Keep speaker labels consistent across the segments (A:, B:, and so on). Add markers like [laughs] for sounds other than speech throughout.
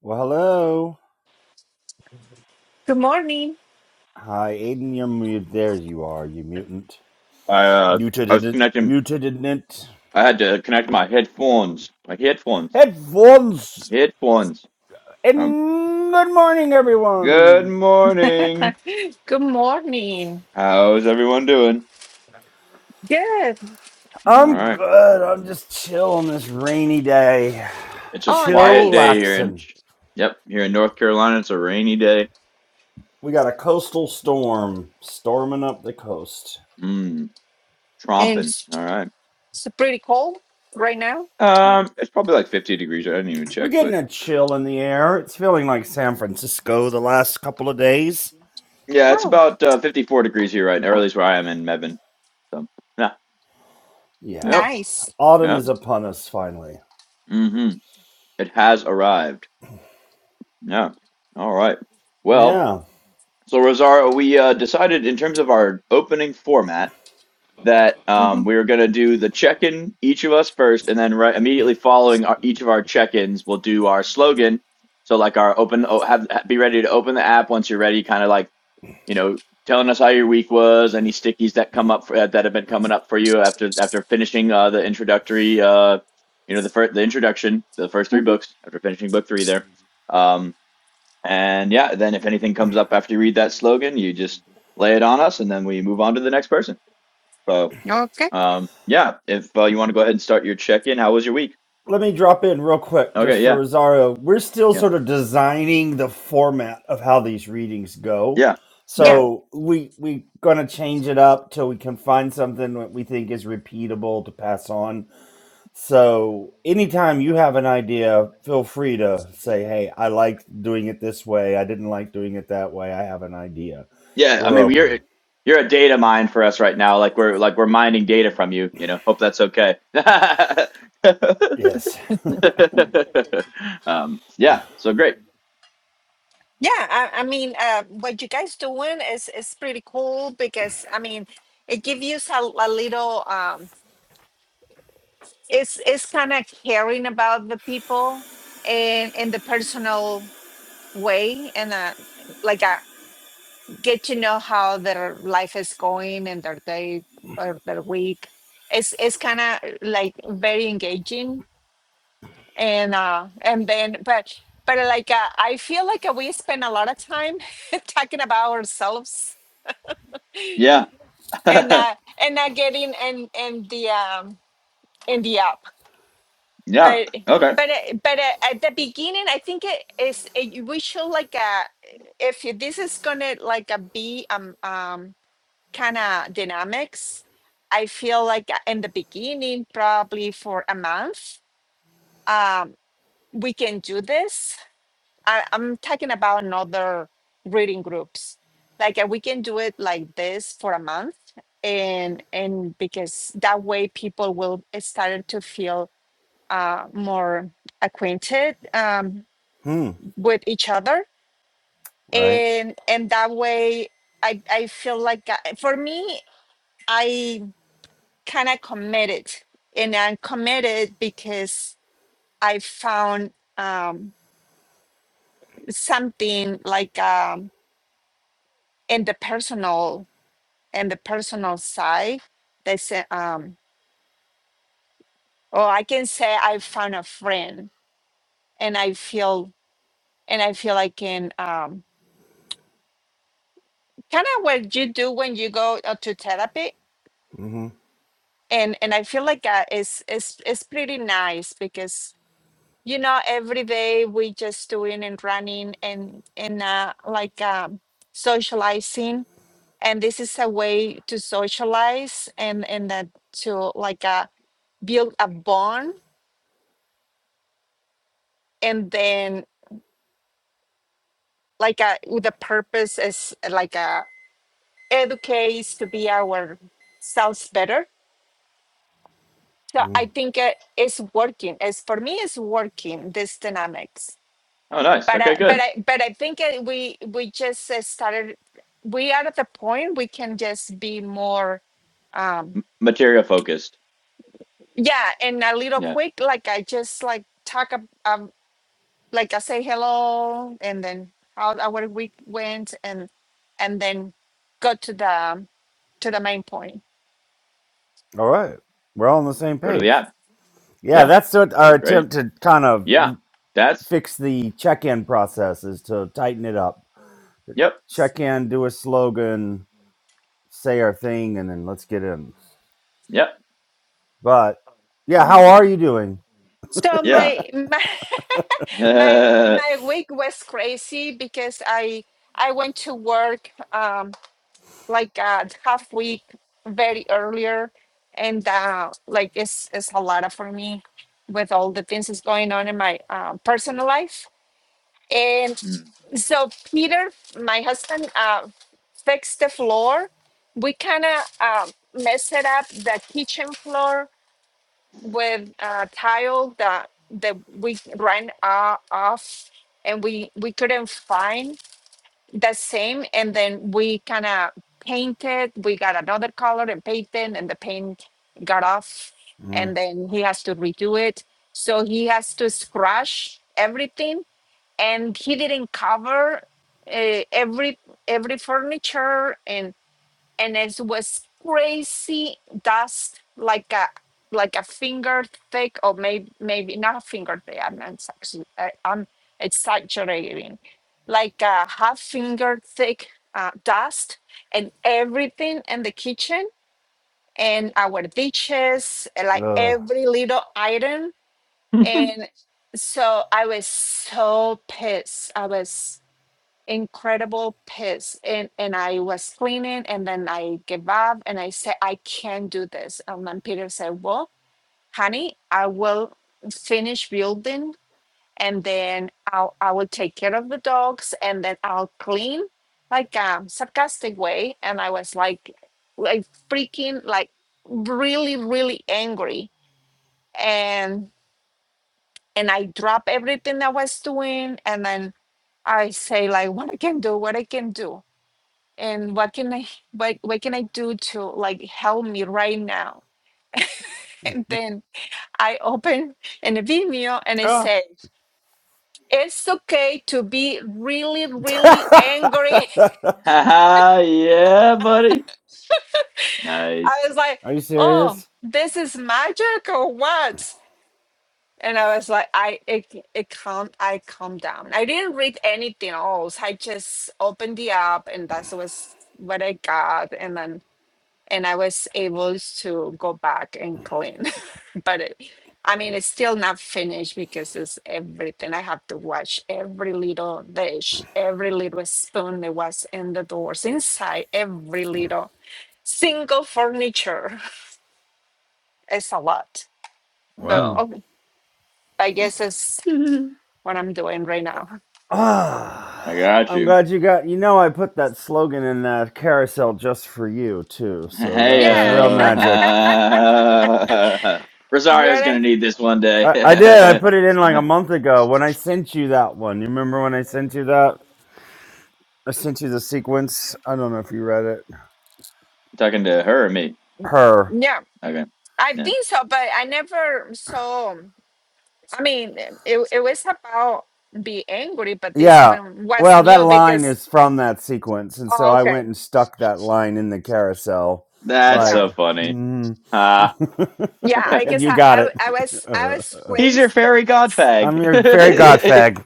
A: Well, hello.
B: Good morning.
A: Hi, Aiden. You're mute. There you are, you mutant.
C: I uh, I was
A: Mutated it.
C: connecting.
A: Mutated it.
C: I had to connect my headphones. My headphones.
A: Headphones.
C: Headphones. Um.
A: And good morning,
C: Good
A: everyone.
C: morning.
B: Good morning.
C: How's everyone doing?
B: Good.
C: All
A: I'm
C: right.
A: good. I'm just chill on this rainy day.
C: It's a
B: Oh,
A: Chill,
C: quiet day
B: nice.
C: here in.
A: laxin'.
C: Yep, here in North Carolina, it's a rainy day.
A: We got a coastal storm storming up the coast.
C: Mmm,
B: And
C: tromping.
B: it's
C: All right.
B: it's pretty cold right now.
C: Um, it's probably like 50 degrees. I didn't even
A: We're
C: check,
A: getting
C: but
A: a chill in the air. It's feeling like San Francisco the last couple of days.
C: yeah, it's
B: Oh,
C: about uh, 54 degrees here right now, or at least where I am in Mebane. So yeah.
A: Yeah.
C: Yep.
B: nice.
A: Autumn
C: Yep.
A: is upon us finally.
C: Mm-hmm. It has arrived. Yeah. All right. Well.
A: Yeah.
C: So Rosario, we uh, decided in terms of our opening format that
B: hmm
C: um, we were going to do the check-in each of us first, and then right immediately following our, each of our check-ins, we'll do our slogan. So like our open, oh, have be ready to open the app once you're ready. Kind of like you know, telling us how your week was, any stickies that come up for, uh, that have been coming up for you after after finishing uh, the introductory, uh, you know, the first the introduction, the first three
B: hmm
C: books after finishing book three there. Um, and yeah, then if anything comes up after you read that slogan, you just lay it on us and then we move on to the next person. So,
B: Okay.
C: um, yeah, if uh, you want to go ahead and start your check in, how was your week?
A: let me drop in real quick just
C: Okay,
A: for
C: yeah,
A: Rosario. We're still
C: yeah,
A: sort of designing the format of how these readings go.
C: yeah, yeah,
B: Yeah.
A: So we we gonna change it up till we can find something that we think is repeatable to pass on. So anytime you have an idea, feel free to say, "Hey, I like doing it this way. I didn't like doing it that way. I have an idea."
C: yeah. I
A: We're
C: mean,
A: open.
C: you're you're a data mine for us right now. Like we're like we're mining data from you. You know, hope that's okay. [laughs]
A: Yes. [laughs]
C: um, yeah. So great.
B: Yeah. I, I mean, uh, what you guys doing is is pretty cool because I mean, it gives you a, a little. Um, it's it's kind of caring about the people and in the personal way and uh, like a get to know how their life is going and their day or their week. It's it's kind of like very engaging and uh and then but but like uh, I feel like uh, we spend a lot of time [laughs] talking about ourselves
C: Yeah. [laughs]
B: and uh and not getting in in the um in the app.
C: yeah.
B: But
C: Okay.
B: but uh, but uh, at the beginning, I think it is it, we should like uh if this is gonna like uh, be um um kind of dynamics, I feel like in the beginning, probably for a month, um, we can do this. I, I'm talking about another reading groups. Like uh, we can do it like this for a month, and and because that way people will start to feel uh, more acquainted um,
A: Hmm.
B: with each other,
A: Right.
B: and and that way I I feel like uh, for me I kind of committed and i'm committed because i found um, something like um, in the personal in the personal side they say um, oh i can say i found a friend and i feel and i feel i can um, kind of what you do when you go uh, to therapy
A: Mm-hmm.
B: and and i feel like uh, it's, it's it's pretty nice because you know every day we just doing and running and and uh, like um, socializing and this is a way to socialize and and that to like uh, build a bond and then like uh, with the purpose is uh, like uh, educates to be ourselves better so
A: Mm.
B: i think uh, it's working as for me it's working this dynamics
C: Oh, nice.
B: but I,
C: Okay,
B: but
C: good.
B: I, but I think uh, we we just uh, started. We are at the point we can just be more, um,
C: Material focused.
B: yeah, and a little
C: Yeah.
B: quick. Like I just like talk, ab- um, like I say hello, and then how our week went, and and then go to the to the main point.
A: All right. We're all on the same
C: Go to the
A: page.
C: app.
A: Yeah,
C: Yeah.
A: that's what our
C: Great.
A: attempt to kind of
C: Yeah. That's
A: fix the check-in process is to tighten it up.
C: yep.
A: Check in, do a slogan, say our thing, and then let's get in.
C: Yep.
A: But yeah, how
C: All
A: are
C: right.
A: you doing?
B: So
C: Yeah.
B: my my [laughs] my
C: Uh,
B: my week was crazy because I I went to work. Um, like uh, half week very earlier and uh, like it's it's a lot for me with all the things that's going on in my uh, personal life and
C: mm.
B: so peter my husband uh, fixed the floor we kind of uh, messed it up the kitchen floor with uh, tile that that we ran uh, off and we we couldn't find the same and then we kind of painted we got another color and painted and the paint got off
A: Mm.
B: and then he has to redo it so he has to scratch everything and he didn't cover uh, every every furniture and and it was crazy dust like a like a finger thick or maybe maybe not a finger thick i'm not actually I, i'm exaggerating like a half finger thick uh, dust and everything in the kitchen and our dishes and, like
A: Ugh.
B: every little item
C: [laughs]
B: and so i was so pissed i was incredible piss and and I was cleaning and then I gave up and I said I can't do this and then Peter said well honey I will finish building and then I'll I will take care of the dogs and then I'll clean like a sarcastic way and I was like like freaking like really really angry and and I dropped everything I was doing and then I say like what I can do what I can do and what can I what what can I do to like help me right now? And then I open in the Vimeo and it
A: Ah.
B: said, it's okay to be really, really angry.
A: [laughs]
C: Haha, yeah, buddy.
B: [laughs] I
C: Nice.
B: was like,
A: are you
B: oh,
A: serious?
B: this is magic or what? And I was like, I it, it calm I calmed down. I didn't read anything else. I just opened the app and that was what I got. And then and I was able to go back and clean. but it, I mean, it's still not finished because it's everything. I have to wash every little dish, every little spoon that was in the doors, inside every little single furniture. [laughs] It's a lot,
A: [clears throat]
B: but
A: Hmm.
C: Well,
B: oh, I guess it's
C: [laughs] I
B: what I'm doing right now.
A: Ah,
C: got
A: I'm
C: you.
A: glad you got. You know, I put that slogan in that carousel just for you too. So that
C: Hey,
A: was
B: Yeah,
A: real magic.
C: uh, [laughs]
B: [laughs] you're
C: Rosario's gonna
B: right.
C: need this one day.
A: I, I did. I
C: [laughs]
A: put it in like a
C: you
A: month ago when I sent you that one. You remember when I sent you that? I sent you the sequence. I don't know if you read it.
C: talking to her or me?
A: Her.
B: yeah.
C: Okay.
B: I
C: Yeah.
B: think so, but I never saw. I mean, it it was about be angry, but this
A: Yeah.
B: one was
A: Well, that
B: new
A: line
B: because.
A: is from that sequence. And so
B: Oh,
A: I
B: okay.
A: went and stuck that line in the carousel.
C: That's
B: Yeah.
A: Like,
C: so funny.
A: mm.
C: Ah.
B: Yeah,
C: [laughs]
A: [laughs]
B: I
A: and
B: guess
A: you
B: I,
A: got
B: I,
A: it.
B: I was I was
C: He's your
B: crazy
C: fairy
B: pissed.
A: [laughs]
C: godfag.
A: I'm your fairy god
C: [laughs]
A: fag.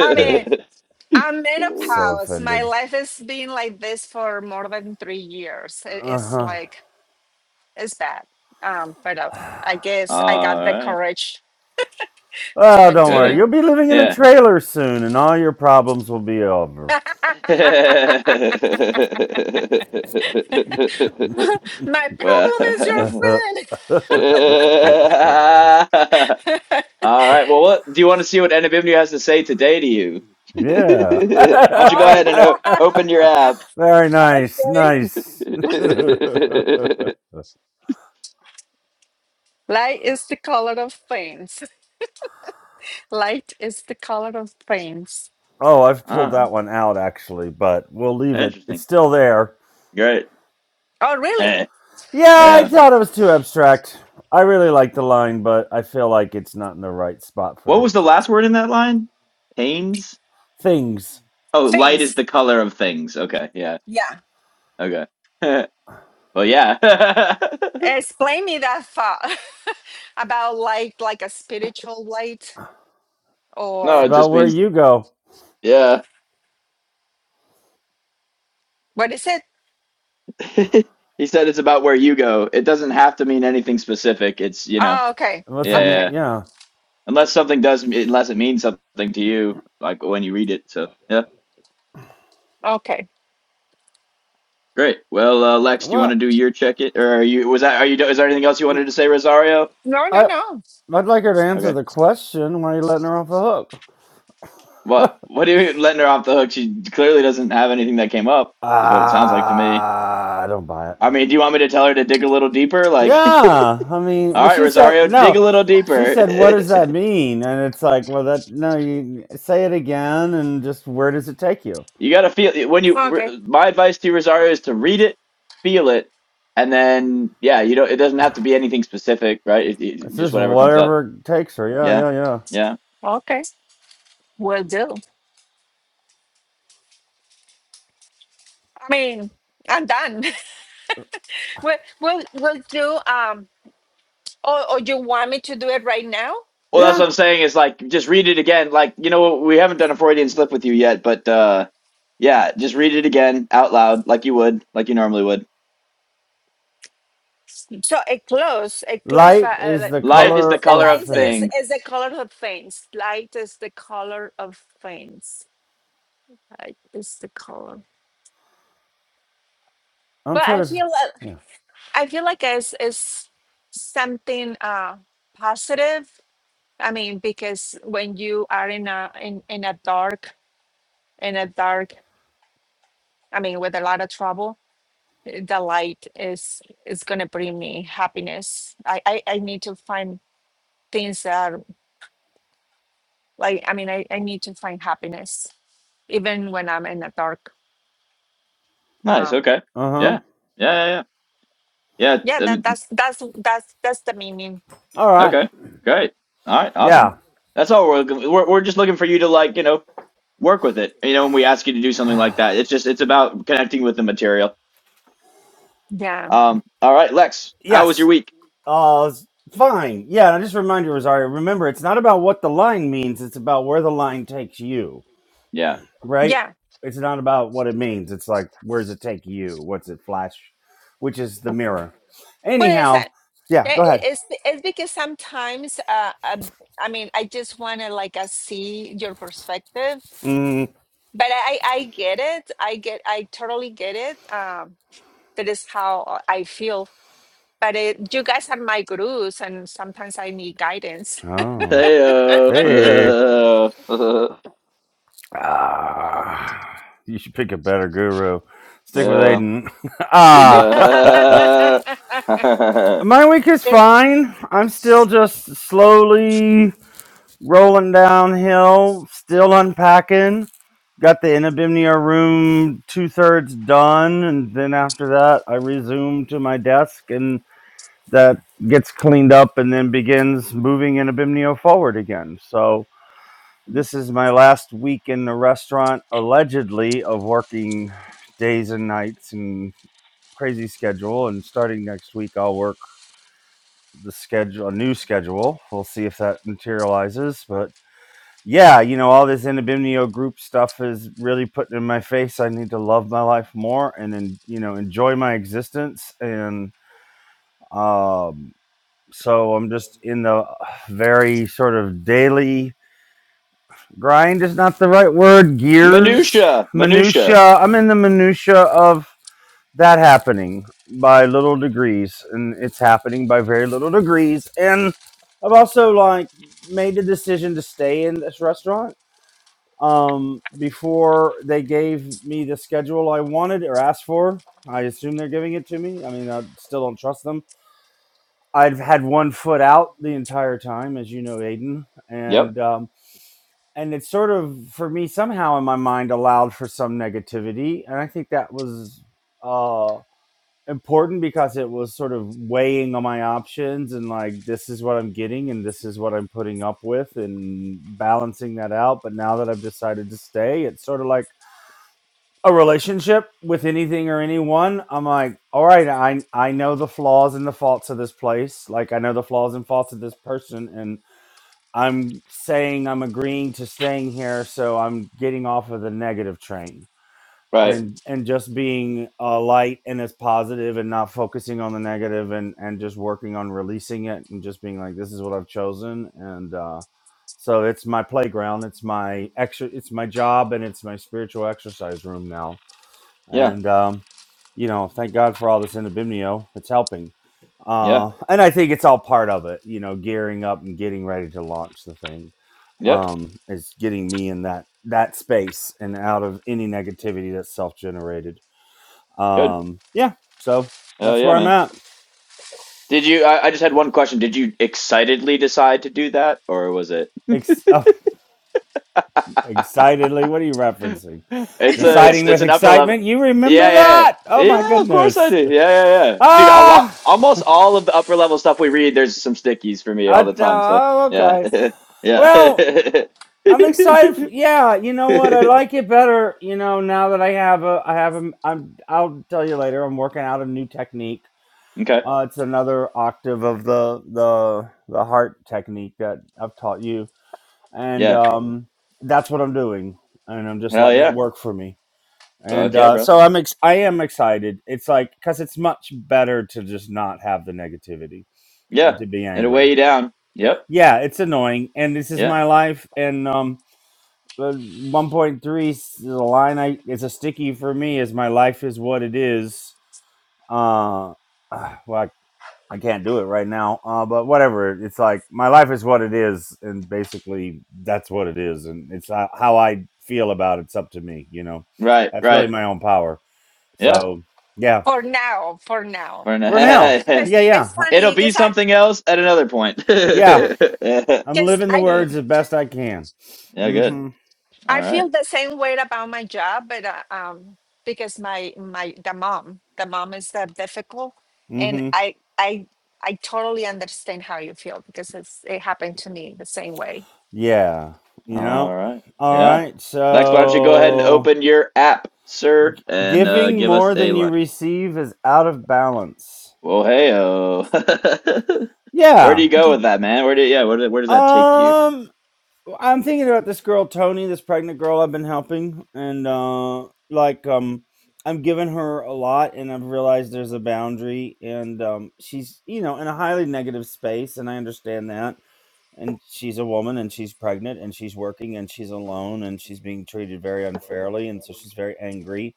B: I mean, I'm
A: so
B: menopause. My
A: offended.
B: life has been like this for more than three years. It-
A: Uh
B: it's
A: huh.
B: like it's bad. Um, but uh, I guess I
C: All
B: got the
C: right,
B: courage to
A: Well, don't worry.
C: good.
B: continue.
A: You'll be living in a
C: Yeah.
A: trailer soon, and all your problems will be
B: [laughs]
A: over.
C: [laughs]
B: My
C: well.
B: problem is your
A: [laughs]
B: friend.
C: [laughs] All right. Well, what do you want to see what Anabimnu has to say today to you? [laughs]
A: yeah.
C: Why don't you go
B: Oh,
C: ahead and o- open your app?
A: [laughs]
B: [laughs]
A: Very nice.
B: okay.
A: Nice. [laughs] oh,
C: [laughs]
B: Light is the color of things. Light is the color of things.
A: I've pulled
C: ah,
B: Uh,
A: that one out, actually, but we'll leave it. It's
C: interesting.
A: still there.
C: Great.
B: oh, really?
C: Eh.
A: Yeah,
C: yeah.
A: I thought it was too abstract. I really like the line, but I feel like it's not in the right spot for
C: What
A: the
C: was the last word in that line? Pains?
A: things.
C: Oh, light is
B: Things.
C: the color of things. Okay, yeah.
B: Yeah.
C: Okay. [laughs] well, yeah. [laughs]
B: Explain me that far [laughs] about light, like a spiritual light,
A: It's
C: no, it
B: or
A: about
C: just
A: where
C: means
A: you go.
C: yeah.
B: what is it?
C: [laughs] he said it's about where you go. It doesn't have to mean anything specific. It's, you know.
B: Oh, okay,
C: Yeah,
A: What's it
C: yeah.
A: mean?
B: okay,
C: yeah.
A: Yeah.
C: Unless something does unless it means something to you like when you read it. So, yeah.
B: okay.
C: Great. Well, uh, Lex, do you want to
A: Well.
C: do your check it or are you was that are you is there anything else you wanted to say, Rosario?
B: No, no,
A: I
B: no.
A: I'd like her to answer
C: Okay.
A: the question. Why are you letting her off the hook?
C: What
A: [laughs]
C: what do you mean letting her off the hook? She clearly doesn't have anything that came up, is what it sounds like to me.
A: Ah, I don't buy it.
C: I mean, do you want me to tell her to dig a little deeper? Like, [laughs]
A: Yeah, I mean,
C: all
A: but
C: right,
A: she said
C: Rosario, dig a
A: no.
C: little
A: She
C: deeper.
A: said, "What does that mean?" And it's like, well, that no, you say it again, and just where does it take you?
C: [laughs] you gotta feel when
B: Okay,
C: you. My advice to you, Rosario, is to read it, feel it, and then yeah, you don't. It doesn't have to be anything specific, right? It, it,
A: It's
C: just
A: just
C: whatever comes up.
A: whatever takes her. Yeah,
C: Yeah,
A: yeah, yeah,
C: yeah.
B: okay. We'll do. I mean, I'm done. [laughs] we'll, we'll, we'll do. Um, or, or you want me to do it right now?
C: Well, that's
A: yeah.
C: what I'm saying. Is like just read it again. Like you know, we haven't done a Freudian slip with you yet, but uh, yeah, just read it again out loud, like you would, like you normally would.
B: So a close, a close. Uh,
A: Light
B: uh,
A: is
B: like-
A: the
B: yeah,
C: Light is
A: color
C: the
B: the
C: color
A: of
C: of
B: light
A: thing.
B: is
C: thing.
B: is the color of things. Light is the color of things. Light is the color.
A: I'm
B: Well, I
A: trying to.
B: feel. uh,
A: Yeah.
B: I feel like it's, it's something uh, positive. I mean, because when you are in a in, in a dark in a dark, I mean, with a lot of trouble, eh, the light is is gonna bring me happiness. I I, I need to find things that are like I mean, I, I need to find happiness even when I'm in a dark.
C: Nice.
B: Um,
C: Okay.
A: Uh huh.
C: Yeah. Yeah. Yeah. Yeah.
B: yeah,
C: Yeah.
B: that
C: um,
B: that's that's that's that's the meaning.
A: All right.
C: okay. Great. All right. Awesome.
A: Yeah.
C: That's all we're looking. We're we're just looking for you to like you know work with it. You know, when we ask you to do something like that, it's just it's about connecting with the material.
B: Yeah,
C: Um. All right, Lex. How was
A: Yes.
C: your week?
A: Oh, it's fine. Yeah, and I just remind you, Rosario, remember, it's not about what the line means, it's about where the line takes you,
C: Yeah.
A: right?
B: yeah.
A: It's not about what it means. It's like, where does it take you? What's it flash? Which is the mirror.
B: Well, it's,
A: Anyhow,
B: uh,
A: yeah,
B: yeah,
A: go
B: it-
A: ahead.
B: it's, it's because sometimes, uh, um, I mean, I just want to like uh, see your perspective,
A: Mm.
B: but I, I get it. I get, I totally get it. Um, that is how I feel. But it, you guys are my gurus, and sometimes I need guidance.
A: Oh,
C: Hey.
A: hey.
C: Uh, [laughs]
A: Ah, you should pick a better guru. Stick with
C: yeah.
A: Aiden. [laughs] ah,
B: [laughs]
A: [laughs]
C: No. [laughs]
A: my week is
B: It-
A: fine. I'm still just slowly rolling downhill, still unpacking. Got the Inabimnia room two thirds done, and then after that, I resume to my desk, and that gets cleaned up, and then begins moving Inabimnio forward again. So this is my last week in the restaurant, allegedly, of working days and nights and crazy schedule. And starting next week, I'll work the schedule, a new schedule. We'll see if that materializes, but yeah, you know, all this Anabimnio group stuff is really putting in my face. I need to love my life more and then, you know, enjoy my existence. And um, so I'm just in the uh, very sort of daily grind is not the right word. Gears,
C: Minutia. Minutia.
A: minutia. I'm in the minutia of that happening by little degrees, and it's happening by very little degrees. And I've also like made the decision to stay in this restaurant um, before they gave me the schedule I wanted or asked for. I assume they're giving it to me. I mean, I still don't trust them. I've had one foot out the entire time, as you know, Aiden,
C: Yep.
A: and um, and it's sort of for me somehow in my mind allowed for some negativity, and I think that was uh, important because it was sort of weighing on my options and like this is what I'm getting and this is what I'm putting up with and balancing that out. But now that I've decided to stay, it's sort of like a relationship with anything or anyone, I'm like, all right, I I know the flaws and the faults of this place. Like I know the flaws and faults of this person and I'm saying I'm agreeing to staying here, so I'm getting off of the negative train.
C: Right.
A: And and just being uh, light and as positive and not focusing on the negative and and just working on releasing it and just being like this is what I've chosen and uh so it's my playground, it's my extra it's my job and it's my spiritual exercise room now
C: Yeah.
A: and um, you know, thank God for all this inabimnio. It's helping,
C: Yeah.
A: uh, and I think it's all part of it. You know, gearing up and getting ready to launch the thing
C: Yep.
A: um, is getting me in that that space and out of any negativity that's self generated.
C: Good.
A: Um, yeah, so
C: Hell
A: that's
C: yeah,
A: where I'm
C: man.
A: at.
C: Did you I, I just had one question. Did you excitedly decide to do that or was it
A: Ex- oh, excitedly, what are you referencing?
C: It's a it's
A: Deciding
C: it's
A: with
C: an upper level.
A: excitement. You
C: Yeah,
A: remember
C: yeah.
A: that? Oh
C: Yeah,
A: my
C: Yeah, of course I
A: goodness!
C: do. Yeah, yeah, yeah. Dude, a lot
A: Ah, [laughs]
C: almost all of the upper level stuff we read, there's some stickies for me
A: I,
C: all
A: uh,
C: the time. So,
A: oh,
C: yeah.
A: okay.
C: [laughs] yeah. [laughs]
A: Well, I'm excited. For, yeah, you know what? I like it better. You know, now that I have a, I have a, I'm. I'll tell you later. I'm working out a new technique.
C: [laughs] okay.
A: Uh, it's another octave of the the the heart technique that I've taught you, and
C: Yeah.
A: um, that's what I'm doing. And I'm just
C: Hell
A: letting it
C: yeah.
A: work for me. And
C: Fuck yeah,
A: uh,
C: bro.
A: so I'm. Ex- I am excited. It's like because it's much better to just not have the negativity
C: Yeah,
A: and to be
C: it'll weigh
A: angry.
C: you down. Yep.
A: Yeah, it's annoying, and this is
C: Yeah.
A: my life, and um, but one point three is a line. I it's a sticky for me. Is my life is what it is. Uh, ah, well, I, I can't do it right now. Uh, but whatever. It's like my life is what it is, and basically that's what it is, and it's ho- how I feel about it. It's up to me, you know.
C: Right.
A: That's really
C: Right.
A: my own power.
C: Yeah.
A: So yeah,
B: for now, for now.
C: We're in
A: for now,
C: a-
B: 'Cause
A: yeah, yeah,
B: it's
A: Uh,
C: [laughs] it'll
B: funny
C: be
B: because I,
C: something else at another point. [laughs]
A: yeah.
B: yeah,
C: yeah.
A: I'm
B: because
A: living the
B: I.
A: words as best I can.
C: Good.
A: Mm-hmm.
C: All
B: I
C: right.
B: feel the same way about my job, but uh, um, because my my the mom, the mom is that difficult, and
A: Mm-hmm.
B: I I I totally understand how you feel because it's it happened to me the same way.
A: Yeah. You
C: All
A: know.
C: right.
A: All
C: Yeah.
A: right.
C: Lex, why don't you go ahead and
A: So.
C: open your app, sir, and uh,
A: Giving
C: give us
A: more
C: a
A: than you
C: line.
A: receive is out of balance.
C: Well, hey, oh. [laughs] Where do
A: Yeah.
C: you go
B: Yeah.
C: with that, man? Where do yeah? Where, do- where does that take you?
A: Um I'm thinking about this girl Tony, this pregnant girl I've been helping and uh like um I'm giving her a lot and I've realized there's a boundary and um she's you know in a highly negative space and I understand that and she's a woman and she's pregnant and she's working and she's alone and she's being treated very unfairly and so she's very angry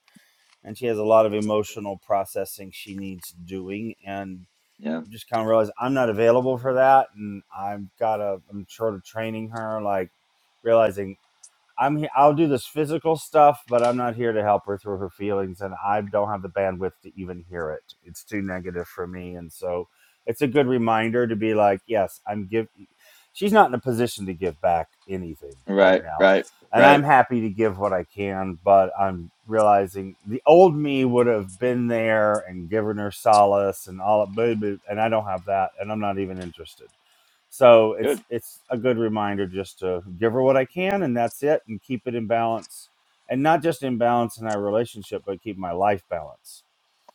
A: and she has a lot of emotional processing she needs doing. And
C: Yeah.
A: I've just kind of realized I'm not available for that, and I've got to I'm sort of training her, like realizing I'm here. I'll do this physical stuff, but I'm not here to help her through her feelings, and I don't have the bandwidth to even hear it. It's too negative for me, and so it's a good reminder to be like, yes, I'm give. She's not in a position to give back anything right
C: Right.
A: now,
C: Right.
A: and
C: Right.
A: I'm happy to give what I can, but I'm realizing the old me would have been there and given her solace and all, but but- and I don't have that, and I'm not even interested. So it's
C: Good.
A: it's a good reminder just to give her what I can, and that's it, and keep it in balance, and not just in balance in our relationship, but keep my life balance.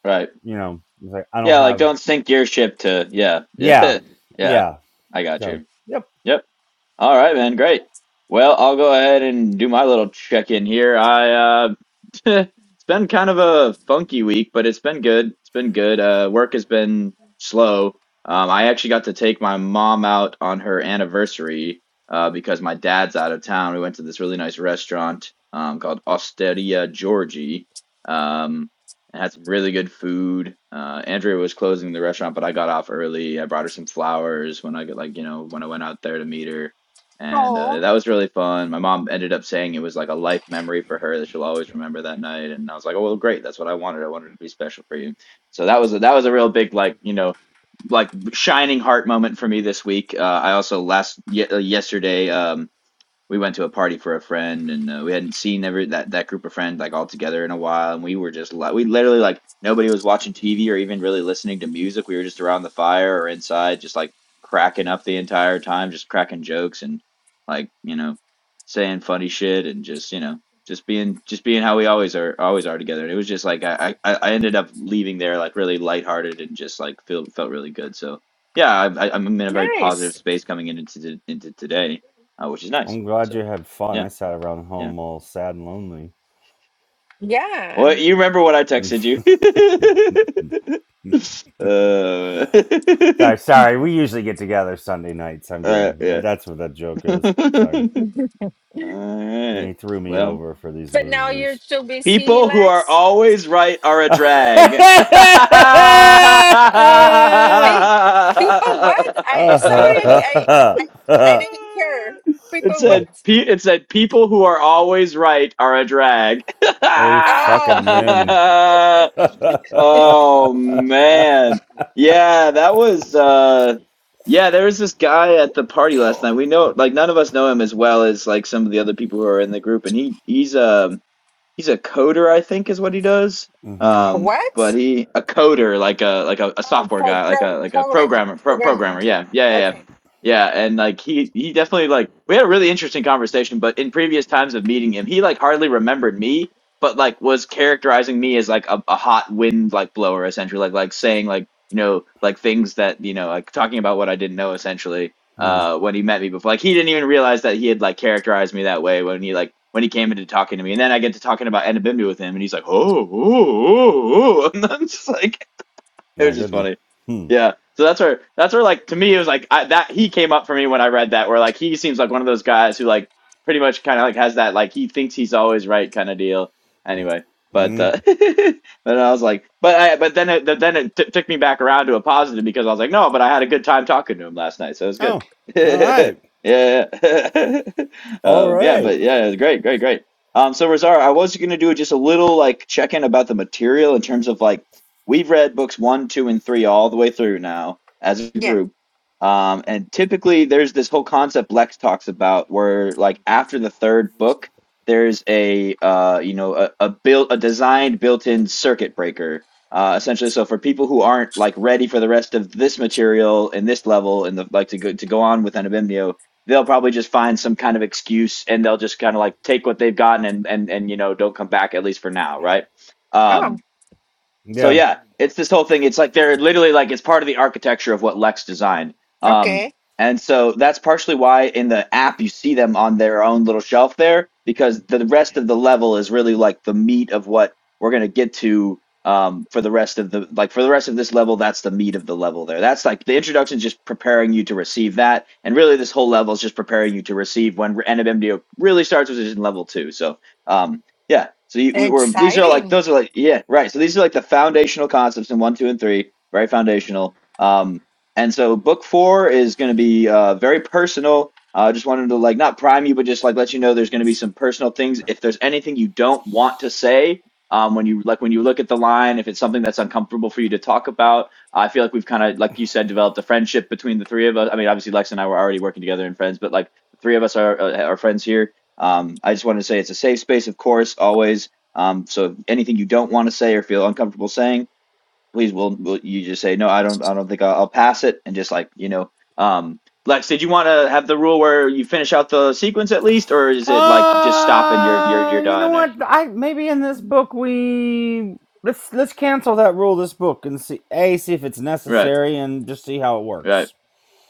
C: Right.
A: You know, it's like I don't
C: Yeah, like
A: have,
C: don't sink your ship to yeah. [laughs]
A: yeah,
C: Yeah. Yeah.
A: yeah.
C: I got
A: So
C: you.
A: yep,
C: Yep. All right, man. Great. Well, I'll go ahead and do my little check-in here. I uh [laughs] it's been kind of a funky week, but it's been good. It's been good. Uh work has been slow. Um I actually got to take my mom out on her anniversary uh because my dad's out of town. We went to this really nice restaurant um called Osteria Georgie. Um and had some really good food. Uh, Andrea was closing the restaurant, but I got off early. I brought her some flowers when I got like you know when I went out there to meet her and uh,
B: Oh,
C: that was really fun. My mom ended up saying it was like a life memory for her that she'll always remember that night, and I was like, "Oh well, great, that's what I wanted. I wanted it to be special for you." So that was a, that was a real big like you know like shining heart moment for me this week. Uh, I also last ye- uh, yesterday. Um, we went to a party for a friend and uh, we hadn't seen every that that group of friends like all together in a while and we were just like we literally like nobody was watching TV or even really listening to music we were just around the fire or inside just like cracking up the entire time just cracking jokes and like you know saying funny shit and just you know just being just being how we always are always are together and it was just like I I, I ended up leaving there like really lighthearted and just like feel, felt really good so yeah I, I- I'm in a very positive
B: nice.
C: space coming into to, into today uh, which is nice.
A: I'm glad
C: So
A: you had fun.
C: yeah,
A: I sat around
C: yeah.
A: home all sad and lonely.
B: Yeah,
C: Well, you remember what I
A: [laughs]
C: texted you? [laughs] uh,
A: sorry, sorry. We usually get together Sunday nights. I'm
C: [laughs] uh,
A: giving
C: yeah.
A: that's what that joke is. Sorry,
C: [laughs] All right.
A: he threw me
C: Well,
A: over for these
B: but now you're
A: losers.
B: too busy,
C: people who are
B: Lex.
C: always right are a
A: [laughs] okay,
C: drag.
B: Be people what? I sorry, I
C: [laughs]
B: I I, I didn't hear.
C: It
B: People
C: said,
B: what?
C: pe- it said, people who are always right are a drag.
B: Oh,
A: fucking men.
B: [laughs]
C: [laughs]
A: [laughs]
C: Oh man. Yeah, that was uh yeah, there was this guy at the party last night. We know like none of us know him as well as like some of the other people who are in the group and he he's um He's a coder, I think, is what he does.
A: hmm
B: a
C: Um, but
B: what?
C: he a coder, like a like a, a
B: Oh,
C: software
B: for
C: guy, like
B: pro,
C: a like a
B: program
C: programmer, pro
B: programmer.
C: programmer.
B: Yeah.
C: Yeah, yeah, yeah, yeah.
B: Okay.
C: Yeah, And like he he definitely like we had a really interesting conversation. But in previous times of meeting him, he like hardly remembered me, but like was characterizing me as like a, a hot wind like blower, essentially, like like saying like you know like things that you know like talking about what I didn't know, essentially
A: Hmm.
C: uh, when he met me before. Like he didn't even realize that he had like characterized me that way when he like when he came into talking to me. And then I get to talking about Enabimbi with him, and he's like, oh, oh, oh, oh. [laughs] and I'm just like, [laughs] it
A: My
C: was just
A: goodness.
C: funny.
A: Hmm.
C: Yeah. So that's where that's where like to me it was like I, that he came up for me when I read that where like he seems like one of those guys who like pretty much kind of like has that like he thinks he's always right kind of deal. Anyway, but
A: Hmm.
C: uh, [laughs] but I was like, but I but then it then it t- took me back around to a positive because I was like, no, but I had a good time talking to him last night, so it was good.
A: Oh,
C: [laughs]
A: all
C: yeah,
A: right.
C: yeah. [laughs]
A: All
C: um, yeah,
A: right.
C: but yeah, it was great, great, great. Um, so Razar, I was gonna do just a little like check in about the material in terms of like We've read books one, two, and three all the way through now as a
B: Yeah.
C: group. Um, and typically, there's this whole concept Lex talks about where, like, after the third book, there's a uh, you know a, a built a designed built-in circuit breaker uh, essentially. So for people who aren't like ready for the rest of this material and this level and the like to go to go on with Anabimnio, they'll probably just find some kind of excuse and they'll just kind of like take what they've gotten and and and you know don't come back at least for now, right?
B: Oh,
C: Um, so
A: Yeah.
C: yeah, it's this whole thing. It's like they're literally like it's part of the architecture of what Lex designed. Um,
B: okay.
C: and so that's partially why in the app you see them on their own little shelf there, because the rest of the level is really like the meat of what we're gonna get to um, for the rest of the like for the rest of this level. That's the meat of the level there. That's like the introduction, is just preparing you to receive that, and really this whole level is just preparing you to receive when NMMDO really starts, which is in level two. So. Um, yeah. So you, we were these are like
B: Exciting.
C: those are like yeah right. So these are like the foundational concepts in one, two, and three, very foundational. Um, and so book four is going to be uh very personal. I uh, just wanted to like not prime you, but just like let you know there's going to be some personal things. If there's anything you don't want to say, um, when you like when you look at the line, if it's something that's uncomfortable for you to talk about, I feel like we've kind of like you said developed a friendship between the three of us. I mean, obviously Lex and I were already working together and friends, but like the three of us are uh, are friends here um, I just wanted to say it's a safe space, of course, always. Um, so if anything you don't want to say or feel uncomfortable saying, please, will will you just say no? I don't. I don't think I'll, I'll pass it, and just like you know, um, Lex, did you want to have the rule where you finish out the sequence at least, or is it like just stop and you're you're
A: Uh,
C: you're
A: you know
C: done? Or,
A: what? I maybe in this book we let's let's cancel that rule. This book and see a see if it's
C: right,
A: necessary and just see how it
C: right.
A: works.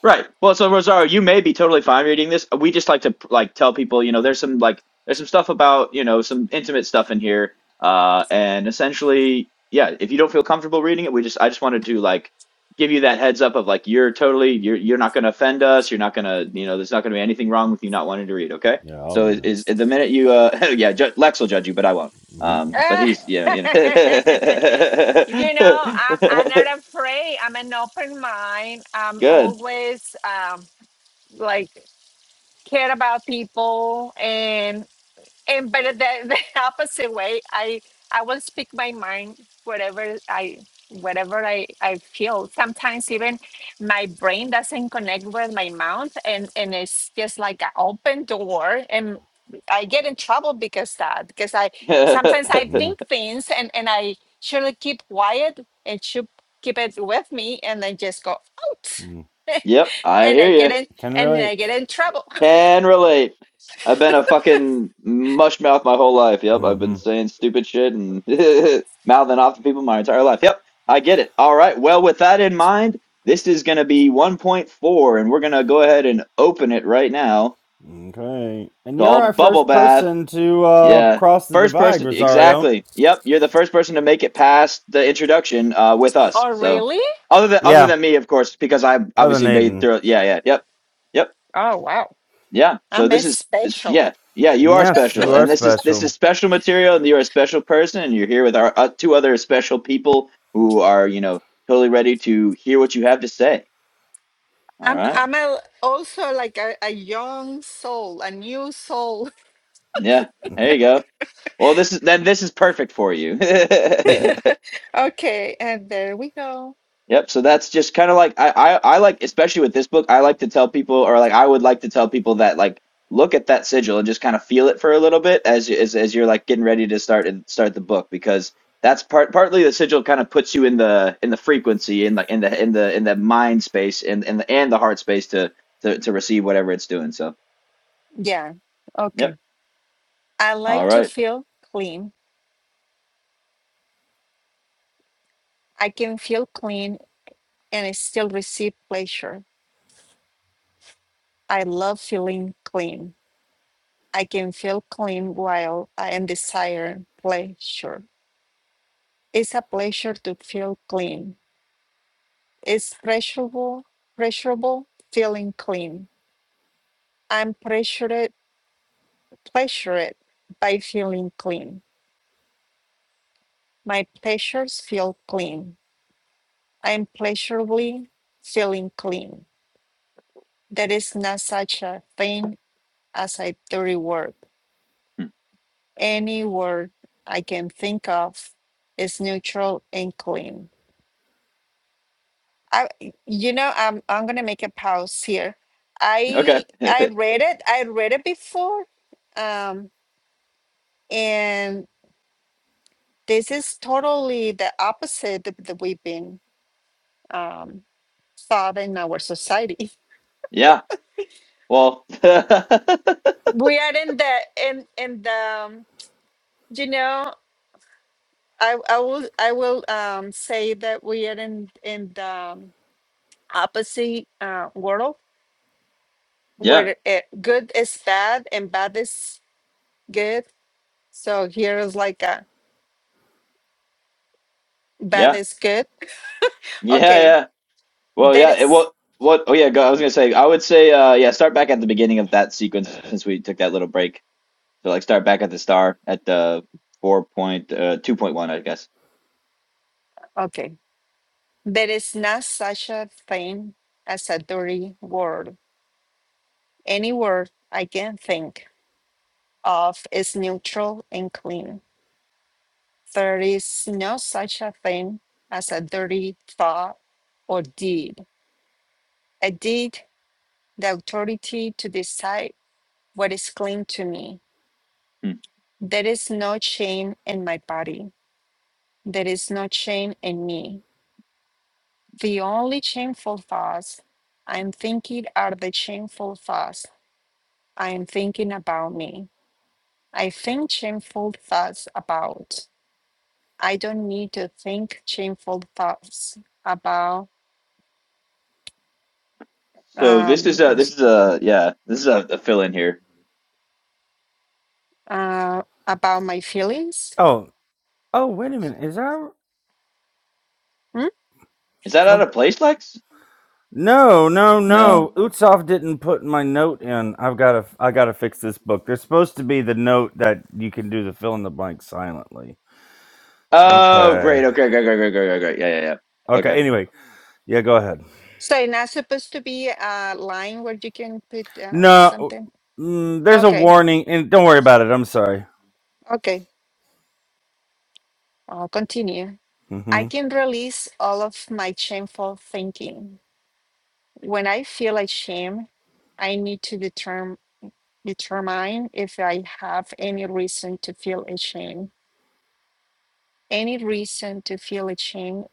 C: Right. Well, so Rosario, you may be totally fine reading this. We just like to like tell people, you know, there's some like there's some stuff about, you know, some intimate stuff in here. Uh and essentially, yeah, if you don't feel comfortable reading it, we just I just wanted to like give you that heads up of like you're totally you're you're not going to offend us, you're not going to, you know, there's not going to be anything wrong with you not wanting to read, okay?
A: Yeah, I'll
C: So
A: read
C: is,
A: it.
C: is the minute you uh [laughs] yeah, ju- Lex will judge you, but I won't. Um
A: Mm-hmm.
C: but
B: Uh,
C: he's yeah, you know.
B: [laughs] you know, I'm, I'm
C: [laughs]
B: not afraid. I'm an open mind. I'm
C: Good.
B: always um, like care about people and but the, the [laughs] opposite way i i will speak my mind whatever i whatever i i feel sometimes even my brain doesn't connect with my mouth and and it's just like an open door and i get in trouble because that because i
C: [laughs]
B: sometimes i
A: Mm-hmm.
B: think things and and i should keep quiet and should keep it with me and then just go out
A: mm-hmm.
C: Yep,
B: [laughs]
C: I
B: and
C: hear
B: i
C: you.
B: get in
A: Can
B: and i
A: relate.
B: get in trouble
C: Can relate. I've been a fucking mush mouth my whole life. Yep, I've been
A: hmm
C: saying stupid shit and [laughs] mouthing off to people my entire life. Yep, I get it. All right. Well, with that in mind, this is going to be 1.4, and we're going to go ahead and open it right now.
A: Okay. And you're our
C: Called Bubble
A: first
C: Bath.
A: person to uh,
C: Yeah.
A: cross the
C: First
A: divide,
C: person,
A: Rosario.
C: exactly. Yep, you're the first person to make it past the introduction uh, with
B: [laughs]
C: us.
B: oh
C: So,
B: really
C: other than other
A: Yeah,
C: than me, of course, because I
A: other than
C: obviously made it
A: Aiden.
C: through. Yeah, yeah, yep, yep.
B: oh wow
C: Yeah. So
B: i'm a
C: this is this,
B: special
C: yeah, yeah. You are
A: Yes, you
C: special,
A: are
C: and this is this
A: special.
C: is special material, and you're a special person, and you're here with our uh, two other special people who are you know totally ready to hear what you have to say. All
B: I'm
C: right.
B: I'm a, also like a, a young soul, a new soul. [laughs]
C: Yeah.
A: [laughs]
C: There you go. Well, this is then this is perfect for you. [laughs]
B: Okay, and there we go.
C: Yep. So that's just kind of like I, I I like especially with this book, I like to tell people or like I would like to tell people that like look at that sigil and just kind of feel it for a little bit as you- as as you're like getting ready to start and start the book because that's part partly the sigil kind of puts you in the in the frequency in like in the in the in the mind space and and the and the heart space to to to receive whatever it's doing. So
B: Yeah.
C: yep.
B: Okay. I like
C: All
B: to
C: right.
B: feel clean. I can feel clean and I still receive pleasure. I love feeling clean. I can feel clean while I am desire pleasure. It's a pleasure to feel clean. It's pleasurable, pleasurable feeling clean. I'm pressured, pleasured by feeling clean. My pleasures feel clean. I am pleasurably feeling clean. There is not such a thing as a dirty word.
C: Hmm.
B: Any word I can think of is neutral and clean. I, you know, I'm I'm gonna make a pause here.
C: Okay.
B: I I read it. I read it before, um, and this is totally the opposite that that we've been um, thought in our society.
C: [laughs] yeah. Well. [laughs] yeah.
B: we are in the in in the um, you know i i will i will um say that we are in in the um, opposite uh world
C: Yeah.
B: where it, good is bad and bad is good so here is like a bad
C: Yeah.
B: is good okay
C: Yeah. Well,
B: there
C: yeah. It,
B: is
C: well, what? Oh, yeah. Go, I was gonna say. I would say, uh, yeah. Start back at the beginning of that sequence since we took that little break. So, like, start back at the star at the four point uh, two point one, I guess.
B: okay there is not such a thing as a dirty word any word i can think of is neutral and clean There is no such a thing as a dirty thought or deed. I did the authority to decide what is clean to me.
C: Hmm.
B: There is no chain in my body. There is no chain in me. The only shameful thoughts I'm thinking are the shameful thoughts I am thinking about me. I think shameful thoughts about. I don't need to think shameful thoughts about.
C: So this is a
B: Um.
C: this is a yeah this is a, a fill in here.
B: uh, about my feelings.
A: oh, oh, wait a minute. Is there
B: Hmm?
C: Is that out
A: some?
C: of place, Lex?
A: No, no,
C: No.
A: no. Utsoff didn't put my note in. I've got to, I got to fix this book. There's supposed to be the note that you can do the fill in the blank silently.
C: Oh,
A: Okay.
C: great. Okay, great, great, great, great, great, great. Yeah, yeah, yeah.
A: Okay.
C: Okay.
A: Anyway, yeah. Go ahead.
B: So it's not supposed to be a line where you can put um,
A: No,
B: something.
A: mm, there's a
B: Okay,
A: warning, and don't worry about it. I'm sorry.
B: okay. I'll continue. I
A: hmm
B: can release all of my shameful thinking. When I feel like shame, I need to determine determine if I have any reason to feel ashamed. Any reason to feel ashamed?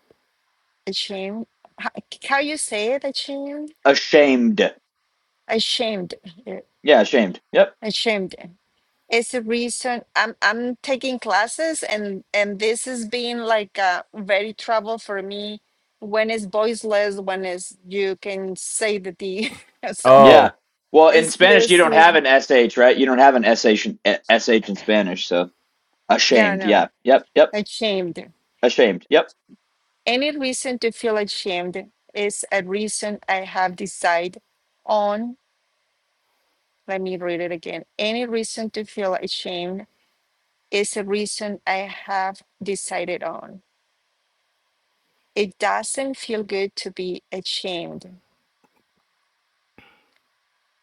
B: Ashamed? How, how you say it? Ashamed?
C: Ashamed.
B: Ashamed. eh,
C: Yeah, ashamed. Yep.
B: Ashamed. It's a reason I'm I'm taking classes and and this has been like uh, very trouble for me when it's voiceless, when it's you can say the D. [laughs] so
C: Yeah.
A: Oh,
C: Well, in Spanish, you
B: excuse
C: don't have
B: me.
C: an sh, right? You don't have an sh, sh in eh, S H in Spanish, so
B: Yeah,
C: ashamed.
B: no,
C: Yeah. Yep. Yep.
B: ashamed.
C: Ashamed. Yep.
B: Any reason to feel ashamed is a reason I have decided on. Let me read it again. Any reason to feel ashamed is a reason I have decided on. It doesn't feel good to be ashamed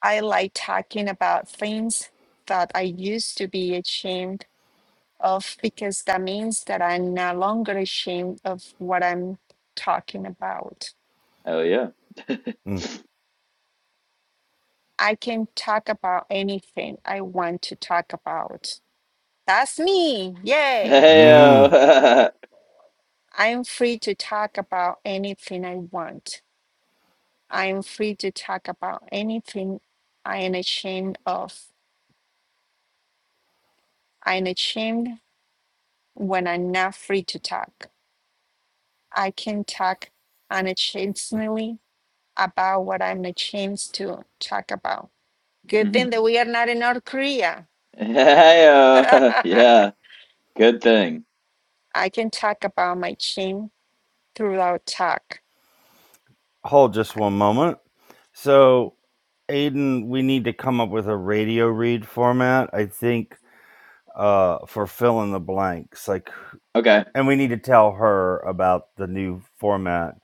B: I like talking about things that I used to be ashamed of because that means that I'm no longer ashamed of what I'm talking about.
C: Oh yeah. [laughs]
A: mm,
B: I can talk about anything I want to talk about. That's me. Yay.
A: mm-hmm.
C: Heyo.
B: I'm free to talk about anything I want. I'm free to talk about anything I am ashamed of. I'm ashamed when I'm not free to talk. I can talk unashamedly about what I'm ashamed to talk about. Good thing that we are not in North Korea.
C: [laughs]
B: [laughs]
C: Heyo. [laughs]
B: I
C: Yeah. Good thing.
B: can talk about my shame throughout talk.
A: hold just
B: I,
A: one moment. So, Aiden, we need to come up with a radio read format. I think uh for fill in the blanks like
C: Okay.
A: and we need to tell her about the new format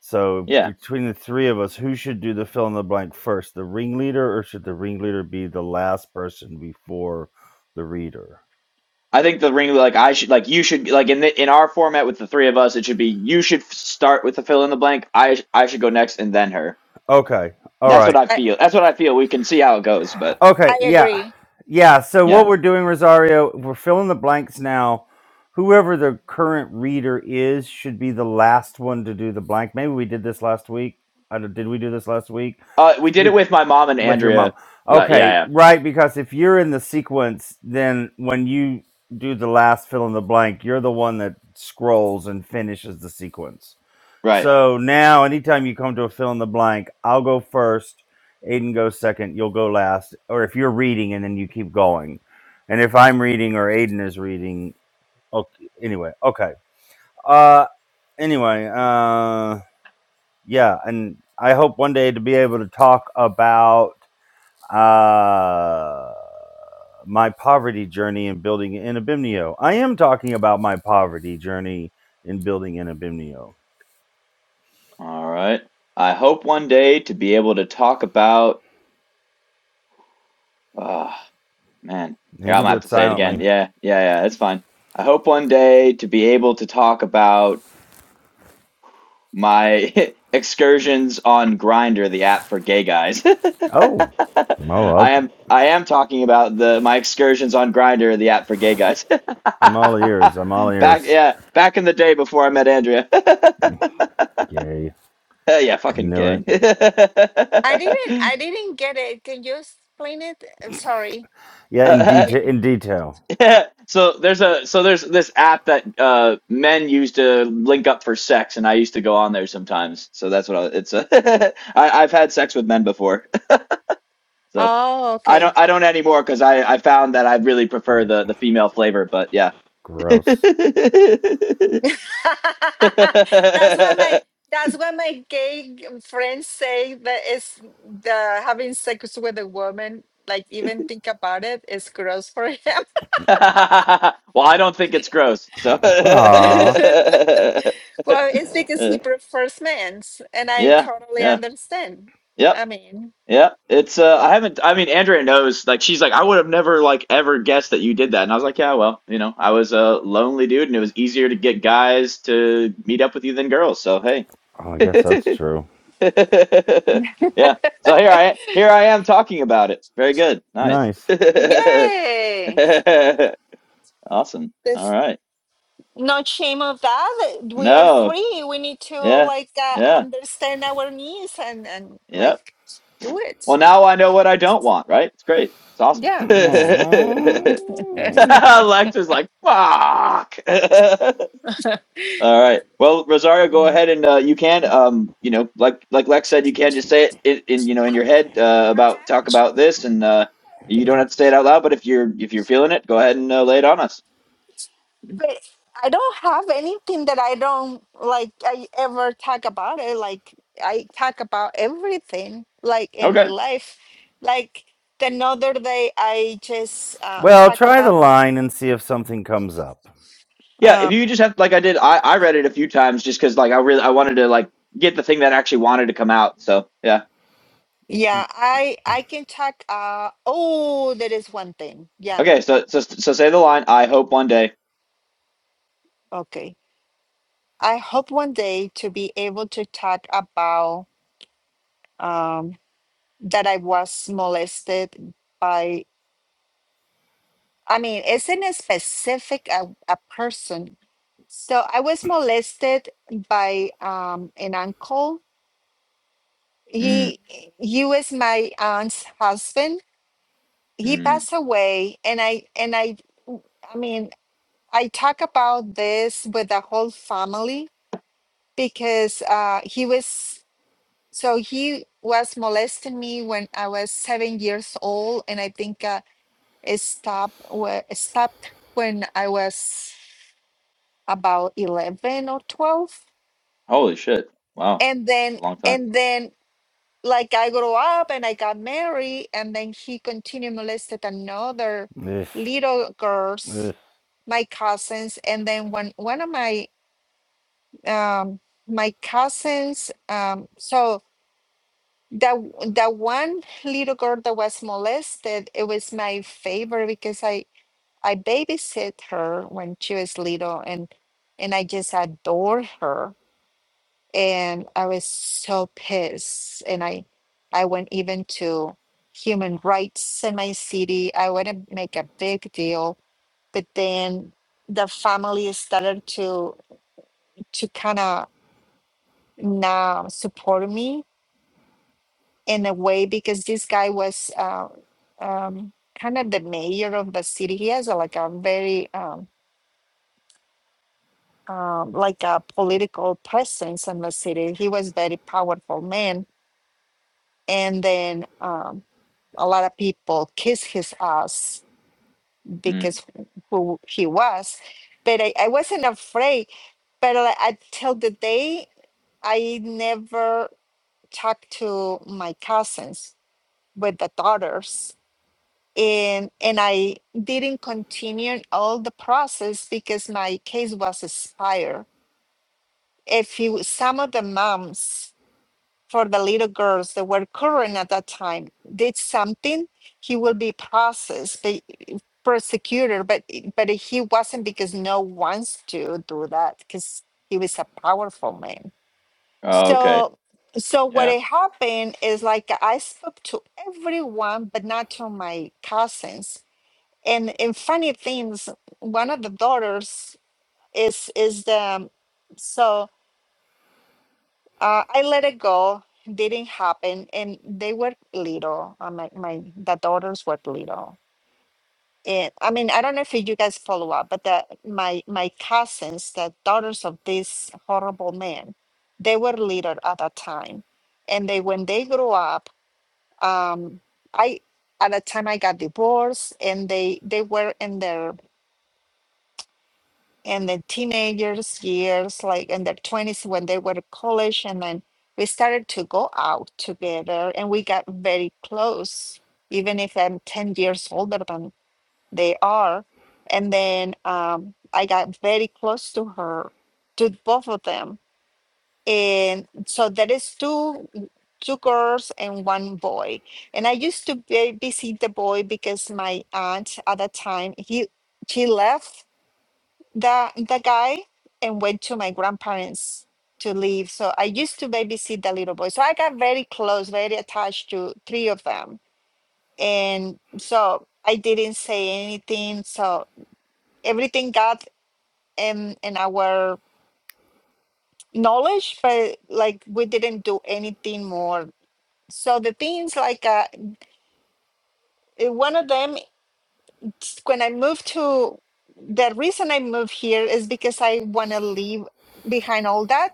A: so
C: Yeah.
A: between the three of us who should do the fill in the blank first the ringleader or should the ringleader be the last person before the reader
C: I think the ring like I should like you should like in the, in our format with the three of us it should be you should f- start with the fill in the blank I sh- I should go next and then her.
A: okay all
C: That's
A: right
C: what I
B: I
C: feel. That's what I feel. We can see how it goes, but
A: Okay,
B: I
A: yeah.
B: agree.
A: Yeah, so what
C: yeah.
A: we're doing, Rosario, we're filling the blanks now. Whoever the current reader is should be the last one to do the blank. Maybe we did this last week. I don't, did we do this last week?
C: Uh we did it
A: Speak
C: with my mom and
A: with your mom.
C: Andrea. La- yeah,
A: Okay,
C: yeah.
A: right, because if you're in the sequence, then when you do the last fill in the blank, you're the one that scrolls and finishes the sequence.
C: Right.
A: So now, anytime you come to a fill in the blank, I'll go first. Aiden goes second. You'll go last. Or if you're reading and then you keep going. And if I'm reading or Aiden is reading, okay, anyway, okay. Uh, anyway, uh, yeah. And I hope one day to be able to talk about uh, my poverty journey and building in Abimnio. I am talking about my poverty journey in building in Abimnio.
C: All right. I hope one day to be able to talk about uh, Man,
A: And
C: here
A: you
C: I'm
A: can
C: gonna
A: do
C: have
A: it
C: to say it again.
A: silently.
C: Yeah, yeah, yeah. It's fine. I hope one day to be able to talk about my [laughs] excursions on Grinder, the app for gay guys. [laughs]
A: Oh, oh,
C: I
A: up.
C: am I am talking about the my excursions on Grinder, the app for gay guys.
A: I'm all ears. I'm all
C: [laughs] Back
A: ears.
C: yeah, back in the day before I met Andrea. [laughs]
A: Yay!
C: Yeah,
A: I
C: fucking
A: knew it.
C: gay.
B: I didn't
C: [laughs]
B: I didn't get it. Can you explain it? I'm sorry.
A: Yeah, in
C: Uh,
A: detail.
B: Ye-
A: In detail.
C: [laughs] so there's a so there's this app that uh men use to link up for sex and I used to go on there sometimes. So that's what I, it's a [laughs] I I've had sex with men before. [laughs] So
B: Oh,
C: I
B: okay.
C: don't I don't anymore cuz I I found that I really prefer the the female flavor, but yeah.
A: Gross.
B: [laughs] that's what my
C: [laughs]
B: that's what my gay g- friends say that is the having sex with a woman like even think about it is gross for him [laughs]
C: well, I don't think it's gross. So [laughs]
B: [laughs]
A: Ah.
B: well it's because he prefers men's and i
C: Yeah,
B: totally
C: yeah.
B: understand
C: Yep.
B: i mean
C: Yeah, it's uh I haven't I mean Andrea knows like she's like I would have never like ever guessed that you did that. And I was like, yeah, well, you know, I was a lonely dude and it was easier to get guys to meet up with you than girls. So, hey.
A: Oh, I guess that's true.
C: [laughs] Yeah. So here I here I am talking about it. Very good. Nice.
A: Nice.
C: [laughs]
B: yay
C: Awesome. All
B: there's
C: right.
B: no shame of that we are
C: No.
B: free we need to
C: Yeah.
B: like uh,
C: Yeah.
B: understand our needs and and
C: Yep.
B: like do it
C: Well, now I know what I don't want, right? It's great. It's awesome.
B: yeah
C: [laughs] [laughs]
A: Aw.
C: Lecter's like, fuck. [laughs] All right. Well, Rosario, go ahead and uh, you can, um, you know, like like Lex said, you can just say it in, in you know in your head uh,
B: [laughs]
C: about talk about this, and uh, you don't have to say it out loud. But if you're if you're feeling it, go ahead and uh, lay it on us.
B: but I don't have anything that I don't like. I ever talk about it. Like I talk about everything, like in my
C: Okay.
B: life. Like the another day, I just uh,
A: Well,
B: talk
A: try the
B: about.
A: line and see if something comes up.
C: Yeah. If
B: Um,
C: you just have like I did, I I read it a few times just because like I really I wanted to like get the thing that I actually wanted to come out. So yeah.
B: yeah, I I can talk. Uh, oh, there is one thing. Yeah,
C: Okay. So so so say the line. I hope one day.
B: okay. I hope one day to be able to talk about um, that I was molested by. I mean, isn't it specific a, a person So I was molested by um, an uncle.
C: Mm,
B: He he was my aunt's husband. He
C: mm.
B: passed away, and I and I I mean I talk about this with the whole family because uh, he was so he was molesting me when I was seven years old, and I think uh, it stopped where it stopped when I was about eleven or twelve,
C: Holy shit! Wow,
B: and
C: that's
B: then.
C: a long time.
B: And then like I grew up and I got married, and then he continued molested another
A: If,
B: little girls,
A: if.
B: my cousins, and then when one of my um, my cousins, um, so that that one little girl that was molested, it was my favorite because I I babysit her when she was little, and and I just adore her and I was so pissed. And I, I went even to human rights in my city. I want to make a big deal, but then the family started to to kind of now support me in a way because this guy was uh, um, kind of the mayor of the city. He has a, like a very um, um, like a political presence in the city. He was very powerful man, and then. um, a lot of people kiss his ass
C: Mm.
B: because who he was but i, I wasn't afraid but like, until the day i never talked to my cousins with the daughters and and i didn't continue all the process because my case was expired if you some of the moms for the little girls that were current at that time did something he will be processed But prosecutor, but i- but he wasn't because no wants to do that because he was a powerful man.
C: Oh, okay.
B: So so what
C: Yeah.
B: had happened is like I spoke to everyone, but not to my cousins. And and funny things, one of the daughters is is the so uh, I let it go. Didn't happen, and they were little. Uh, my my the daughters were little, Yeah, I mean, I don't know if you guys follow up, but the, my my cousins, the daughters of this horrible man, they were little at that time, and they when they grew up, um, I at the time I got divorced, and they they were in their in the teenagers years, like in their twenties when they were in college, and then we started to go out together, and we got very close, even if I'm ten years older than they are. And then um, I got very close to her, to both of them. And so there is two two girls and one boy. And I used to babysit the boy because my aunt at that time he she left the the guy and went to my grandparents to live. So I used to babysit the little boy. So I got very close, very attached to three of them. And so I didn't say anything. So everything got in in our knowledge but like we didn't do anything more so the things like uh, eh, one of them it's when i moved to the reason i moved here is because i want to leave behind all that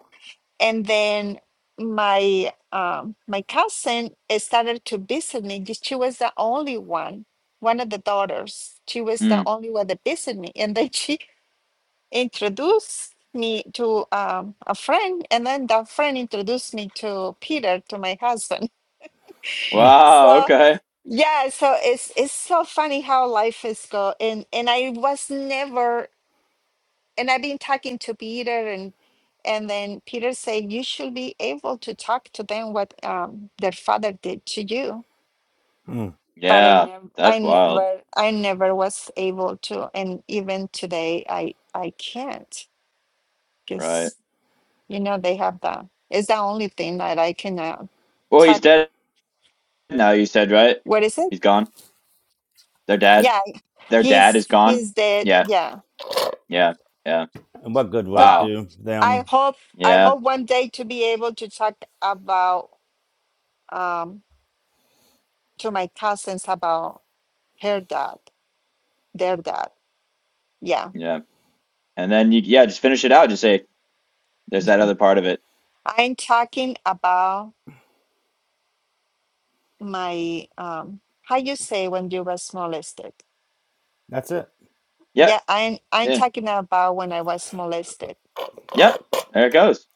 B: and then my um, my cousin eh, started to visit me Just- she was the only one one of the daughters she was the
C: Mm.
B: only one that visited me and then [laughs] she introduced me to um, a friend, and then that friend introduced me to Peter, to my husband. [laughs]
A: Mm,
C: Wow.
B: So
C: Okay.
B: yeah, so it's it's so funny how life is go, and and I was never, and I've been talking to Peter, and and then Peter said you should be able to talk to them what um, their father did to you.
A: mm.
B: But I
C: Yeah.
B: never, I
C: That's wild.
B: never, I never was able to, and even today, I I can't
C: Right.
B: because You know, they have that. It's the only thing that I can uh,
C: Well, he's
B: talk.
C: dead now, you said, right?
B: What is it?
C: He's gone. Their dad.
B: Yeah,
C: Their dad
B: he's
C: is gone.
B: he's dead.
C: Yeah.
B: Yeah.
C: Yeah. Yeah.
A: And what good would
B: So
A: it
C: Wow.
A: do
B: I
A: them?
B: hope I
C: Yeah.
B: hope one day to be able to talk about um to my cousins about her dad, their dad. Yeah.
C: Yeah. And then you, yeah, just finish it out. Just say, there's that other part of it.
B: I'm talking about my um how you say when you was molested.
A: That's it.
B: Yeah,
C: Yep.
B: I'm I'm
C: Yeah.
B: talking about when I was molested.
C: Yep. There it goes.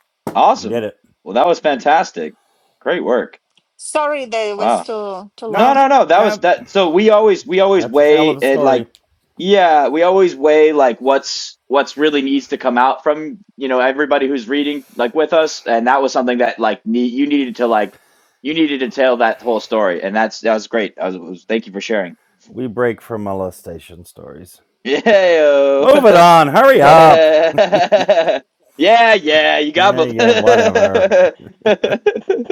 A: You did
C: Awesome.
A: it.
C: Well, that was fantastic. Great work.
B: Sorry that it
C: Wow.
B: was too too
C: No,
B: long.
A: No,
C: no, no. That was
A: no.
C: that. So we always we always
A: That's a hell
C: weigh
A: of a
C: it like,
A: story.
C: yeah, we always weigh like what's what's really needs to come out from, you know, everybody who's reading like with us, and that was something that like ne you needed to like you needed to tell that whole story, and that's that was great. I was, was thank you for sharing.
A: We break from molestation stories.
C: Yeah.
A: Move it on. Hurry up.
C: [laughs] Yeah, yeah, you got
A: Yeah, yeah, whatever.
C: me. [laughs]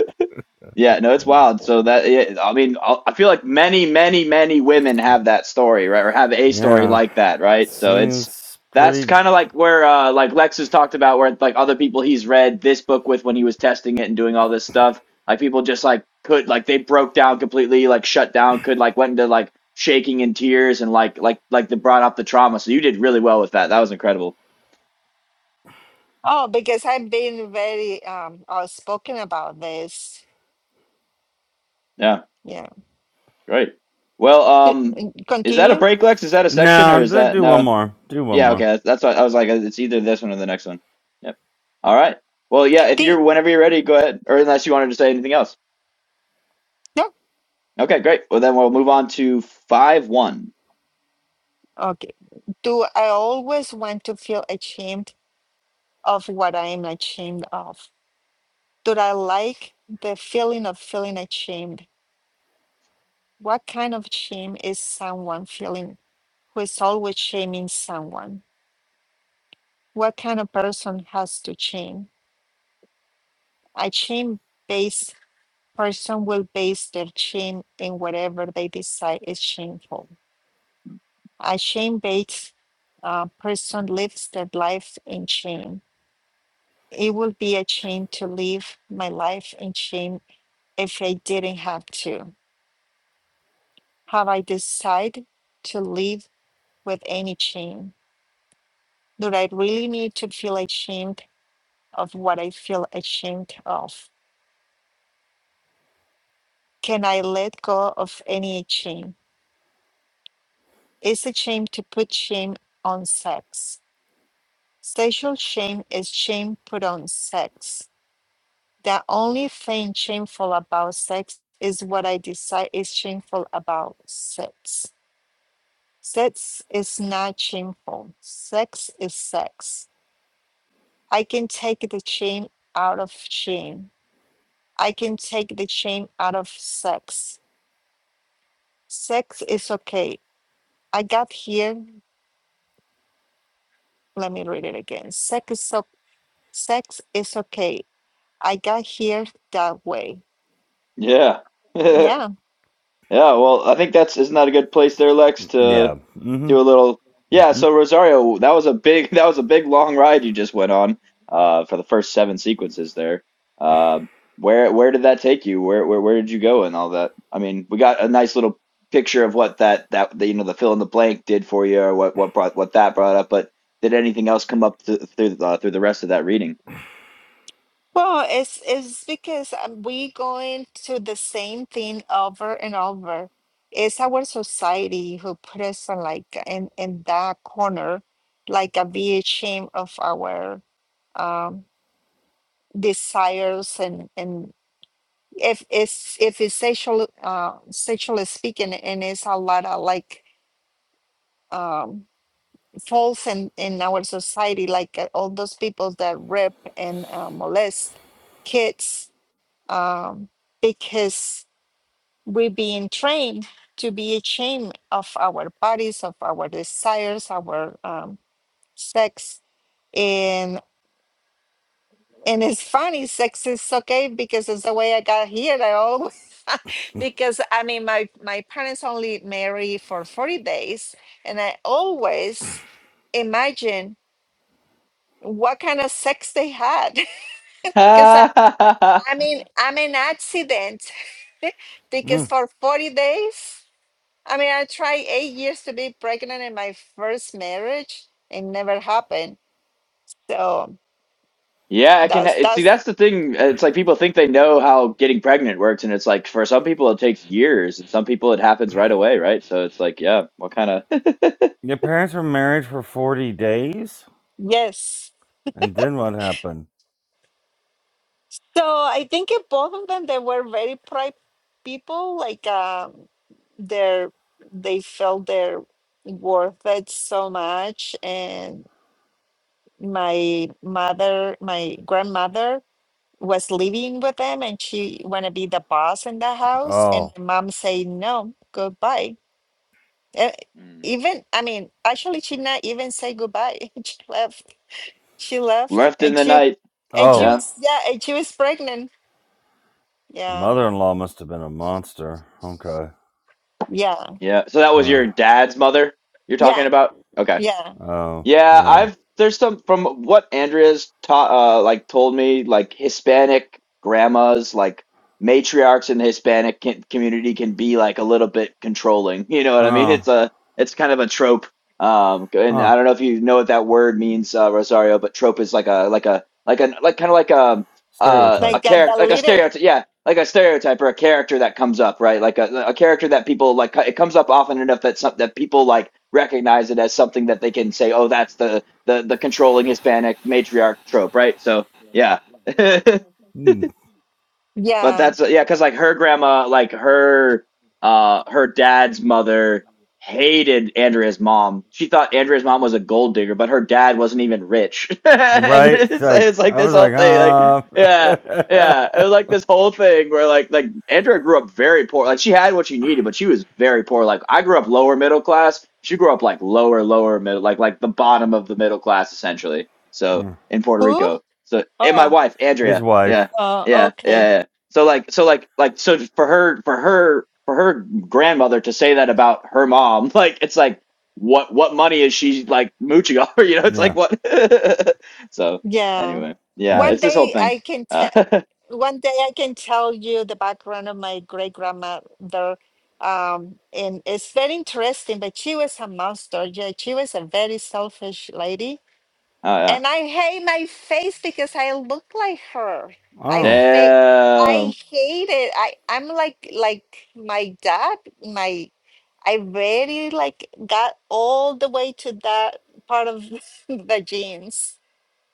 C: Yeah, no, it's wild. So that yeah, I mean, I I feel like many, many, many women have that story, right? Or have a story
A: Yeah,
C: like that, right? So it's
A: seems
C: that's
A: pretty.
C: kind of like where uh like Lex has talked about where like other people he's read this book with when he was testing it and doing all this stuff. Like people just like could like they broke down completely, like shut down, could like went into like shaking in tears and like like like they brought up the trauma. So you did really well with that. That was incredible.
B: Oh, because I've been very um outspoken about this.
C: Yeah,
B: Yeah.
C: great. Well,
B: C-
C: um, is that a
B: Continue.
C: break, Lex? Is that a section or
A: No,
C: is
A: do
C: that
A: do one
C: no?
A: more. Do one
C: Yeah, okay.
A: more.
C: That's, that's what I was like. uh, It's either this one or the next one. Yep. All right. Well, yeah, if
B: The,
C: you're whenever you're ready, go ahead. Or unless you wanted to say anything else.
B: no?
C: Okay, great. Well, then we'll move on to 5 1.
B: Okay. Do I always want to feel ashamed of what I am ashamed of? Do I like the feeling of feeling ashamed? What kind of shame is someone feeling who is always shaming someone? What kind of person has to shame? A shame based person will base their shame in whatever they decide is shameful A shame based uh, person lives their life in shame. It would be a shame to live my life in shame if I didn't have to. Have I decided to live with any shame? Do I really need to feel ashamed of what I feel ashamed of? Can I let go of any shame? Is it shame to put shame on sex? Sexual shame is shame put on sex The only thing shameful about sex is what I decide is shameful about sex. Sex is not shameful. Sex is sex. I can take the shame out of shame. I can take the shame out of sex. Sex is okay. I got here. Let me read it again. Sex is so, sex is okay. I got here that way.
C: Yeah. [laughs]
B: Yeah
C: Yeah, well, I think that's isn't that a good place there, Lex, to
A: Yeah. Mm-hmm.
C: do a little. Yeah,
A: Mm-hmm.
C: so Rosario, that was a big [laughs] that was a big long ride you just went on uh for the first seven sequences there. Uh, where where did that take you? Where where where did you go and all that? I mean, we got a nice little picture of what that that the, you know the fill in the blank did for you or what what brought what that brought up, but did anything else come up th through uh, through the rest of that reading?
B: Well, it's it's because um, we going to the same thing over and over. It's our society who put us on like in in that corner, like a big shame of our um, desires and and if it's if it's sexual uh, sexually speaking, and it's a lot of like um, false in in our society, like uh, all those people that rape and uh, molest kids um, because we're being trained to be ashamed of our bodies, of our desires, our um, sex, and and it's funny, sex is okay because it's the way I got here. I always [laughs] because I mean my my parents only married for forty days, and I always imagine what kind of sex they had [laughs] because I,
C: [laughs]
B: I mean i'm an accident because
A: Mm.
B: for 40 days I mean, I tried eight years to be pregnant in my first marriage. It never happened. So
C: Yeah, I can
B: that's
C: ha- see
B: that's
C: that's the thing. It's like people think they know how getting pregnant works, and it's like for some people it takes years, and some people it happens right away, right? So it's like, yeah, what kind of [laughs]
A: Your parents were married for forty days,
B: yes.
A: and then what happened?
B: So I think in both of them they were very proud people. Like um, their they felt their worth it so much. And my mother, my grandmother was living with them, and she want to be the boss in the house. And
A: Oh,
B: my mom say no, goodbye Uh,
C: Mm.
B: even I mean, actually, she not even say goodbye. [laughs] She left. She left,
C: left in
B: and
C: the
B: she,
C: night?
B: and she
A: oh,
C: Yeah,
B: was yeah, and she was pregnant.
A: the
B: Yeah,
A: mother-in-law must have been a monster. Okay.
B: yeah,
C: yeah. So that was your
A: Oh,
C: dad's mother you're talking
B: yeah,
C: about? Okay.
B: yeah.
A: oh,
C: Yeah,
A: yeah.
C: I've there's some from what Andrea's taught uh like told me like Hispanic grandmas like matriarchs in the Hispanic can, community can be like a little bit controlling. [laughs] You know what I mean?
A: Oh,
C: It's a it's kind of a trope. Um, and
A: huh.
C: I don't know if you know what that word means, uh, Rosario, but trope is like a like a like a like kind of like a uh a
A: Stereotype.
B: Like uh, the
C: character like a
B: leader.
C: stereotype. Yeah like a stereotype or a character that comes up, right? Like a, a character that people like. It comes up often enough that some, that people like recognize it as something that they can say, "Oh, that's the the the controlling Hispanic matriarch trope," right? So yeah. [laughs]
A: Hmm.
C: But
B: Yeah.
C: that's yeah, because like her grandma, like her uh her dad's mother hated Andrea's mom. She thought Andrea's mom was a gold digger, but her dad wasn't even rich. [laughs] and
A: Right? It's
C: it's,
A: like
C: it's like
A: I
C: this
A: was
C: whole
A: like,
C: thing, like
A: ah.
C: yeah, yeah, it
A: [laughs]
C: was like this whole thing where like like Andrea grew up very poor. Like she had what she needed, but she was very poor. Like I grew up lower middle class. She grew up like lower lower middle, like like the bottom of the middle class essentially. So
A: Mm.
C: in Puerto
B: Who?
C: Rico. So and my
B: Oh,
C: wife
A: His
C: Andrea, yeah,
A: wife.
B: oh,
C: yeah, yeah,
B: okay.
C: yeah so like so like like so for her for her for her grandmother to say that about her mom [laughs] like it's like what what money is she like mooching off [laughs] you know it's like
A: Yeah.
C: what [laughs] so
B: Yeah.
C: anyway
A: Hmm.
C: yeah
B: One
C: it's this whole
B: day
C: thing
B: I can
C: uh,
B: tell.
C: [laughs] oh
B: One day I can tell you the background of my great grandmother. Um, and it's very interesting. But she was a monster. Yeah, she was a very selfish lady
C: yeah
B: and I hate my face because I look like her. I
A: Oh.
B: fa-
C: damn
B: I hate it. I I'm like like my dad. My I really like got all the way to that part of [laughs] the genes.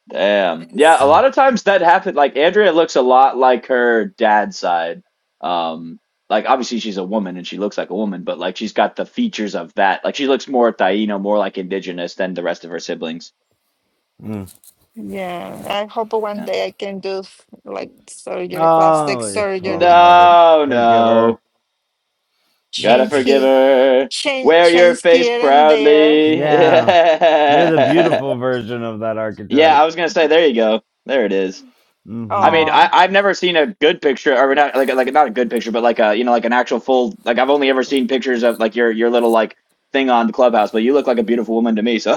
C: damn yeah a
B: It's,
A: mm,
C: lot of times that happened like andrea looks a lot like her dad's side um like obviously she's a woman and she looks like a woman but like she's got the features of that like she looks more taino more like indigenous than the rest of her siblings
A: mm.
B: yeah, I hope one
C: Yeah.
B: day I can do f- like surgery, plastic
A: Oh, you fell in
B: surgery,
A: love with.
C: No,
A: Forgive
C: no.
A: her.
C: Gotta
A: That's
B: change
A: just.
C: forgive
B: he
C: her.
B: change
C: Wear your
B: change
C: face
B: here and there.
C: proudly.
A: Yeah. You're the
C: [laughs]
A: beautiful version of that
C: Yeah.
A: archetype.
C: I was gonna say, there you go. There it is. I
A: Mm
C: mean, I,
B: Oh,
C: I've never seen a good picture, or not like like not a good picture, but like a you know like an actual full like I've only ever seen pictures of like your your little like thing on the clubhouse, but you look like a beautiful woman to me. So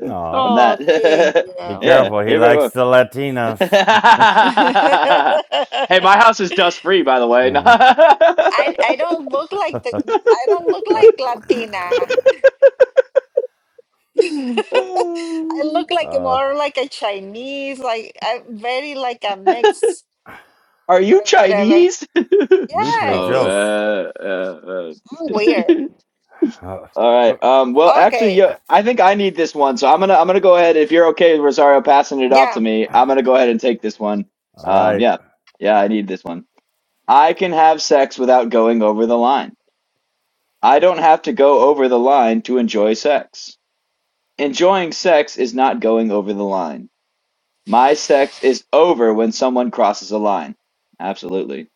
A: hmm. Aw.
C: from
B: oh, thank
C: that,
A: Be
C: [laughs]
B: you.
C: yeah,
A: careful. He
C: you're very
A: likes the Latinas.
C: well. [laughs] Hey,
B: [laughs]
C: my house is dust free, by the way.
A: [laughs]
B: I
C: [laughs]
B: I don't look like the I don't look like Latina.
C: [laughs]
B: I look
A: uh,
B: like
A: uh,
B: more like a Chinese, like I'm very like a mix,
C: Are you
B: but whatever.
C: Chinese? [laughs]
A: me
B: Yeah,
A: play
C: oh
A: joke.
B: it's
C: man. yeah, man.
B: I'm weird.
A: [laughs]
C: [laughs] All
A: Uh,
C: right. Um, well, actually,
B: Okay,
C: yeah, I think I need this one, so I'm gonna I'm gonna go ahead. If you're okay, Rosario, passing it off
B: yeah.
C: to me, I'm gonna go ahead and take this one.
A: all
C: Um,
A: right.
C: yeah, yeah, I need this one. I can have sex without going over the line. I don't have to go over the line to enjoy sex. Enjoying sex is not going over the line. My sex is over when someone crosses a line. Absolutely.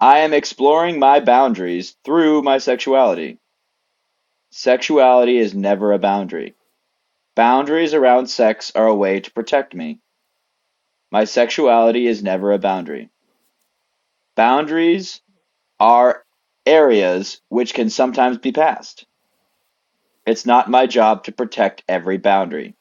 C: I am exploring my boundaries through my sexuality. Sexuality is never a boundary. Boundaries around sex are a way to protect me. My sexuality is never a boundary. Boundaries are areas which can sometimes be passed. It's not my job to protect every boundary.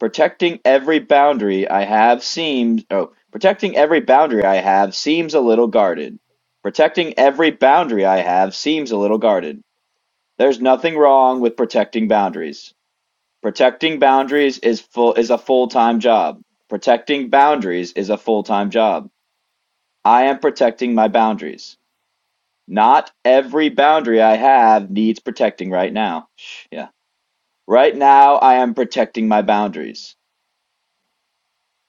C: Protecting every boundary I have seems oh, protecting every boundary I have seems a little guarded. Protecting every boundary I have seems a little guarded. There's nothing wrong with protecting boundaries. Protecting boundaries is full is a full-time job. Protecting boundaries is a full-time job. I am protecting my boundaries. Not every boundary I have needs protecting right now. Yeah. Right now I am protecting my boundaries.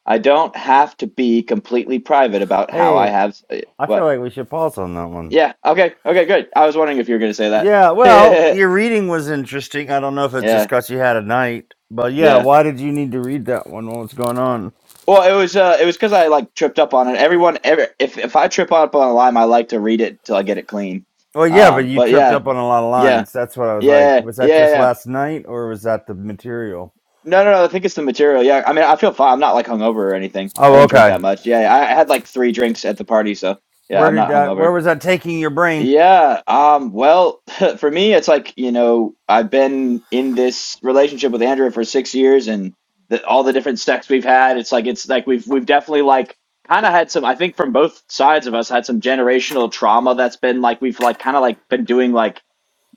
C: I don't have to be completely private about how I
A: Hey,
C: have eh,
A: I feel
C: what.
A: like we should pause on that one.
C: Yeah, okay. Okay, good. I was wondering if you were going to say that.
A: Yeah, well,
C: [laughs]
A: your reading was interesting. I don't know if it's just
C: yeah.
A: because you had a night, but yeah,
C: Yeah.
A: why did you need to read that one? What's going on?
C: Well, it was uh, it was because I like tripped up on it. Everyone, ever if if I trip up on a lime, I like to read it till I get it clean.
A: Well, yeah, but
C: Um,
A: you
C: but
A: tripped
C: yeah,
A: up on a lot of
C: yeah,
A: lines. That's what I was like.
C: yeah,
A: Was that
C: yeah, yeah.
A: just
C: yeah.
A: last night, or was that the material?
C: No, no, no. I think it's the material. Yeah, I mean, I feel fine. I'm not like hungover or anything. I
A: Oh,
C: didn't drink
A: okay.
C: that much. Yeah, I I had like three drinks at the party, so yeah,
A: Where
C: I'm
A: did
C: not
A: that? Where
C: hungover.
A: was that taking your brain?
C: Yeah, um, well, [laughs] for me, it's like, you know, I've been in this relationship with Andrea for six years and the, all the different sex we've had, it's like it's like we've we've definitely like kind of had some, I think from both sides of us had some generational trauma that's been like we've like kind of like been doing like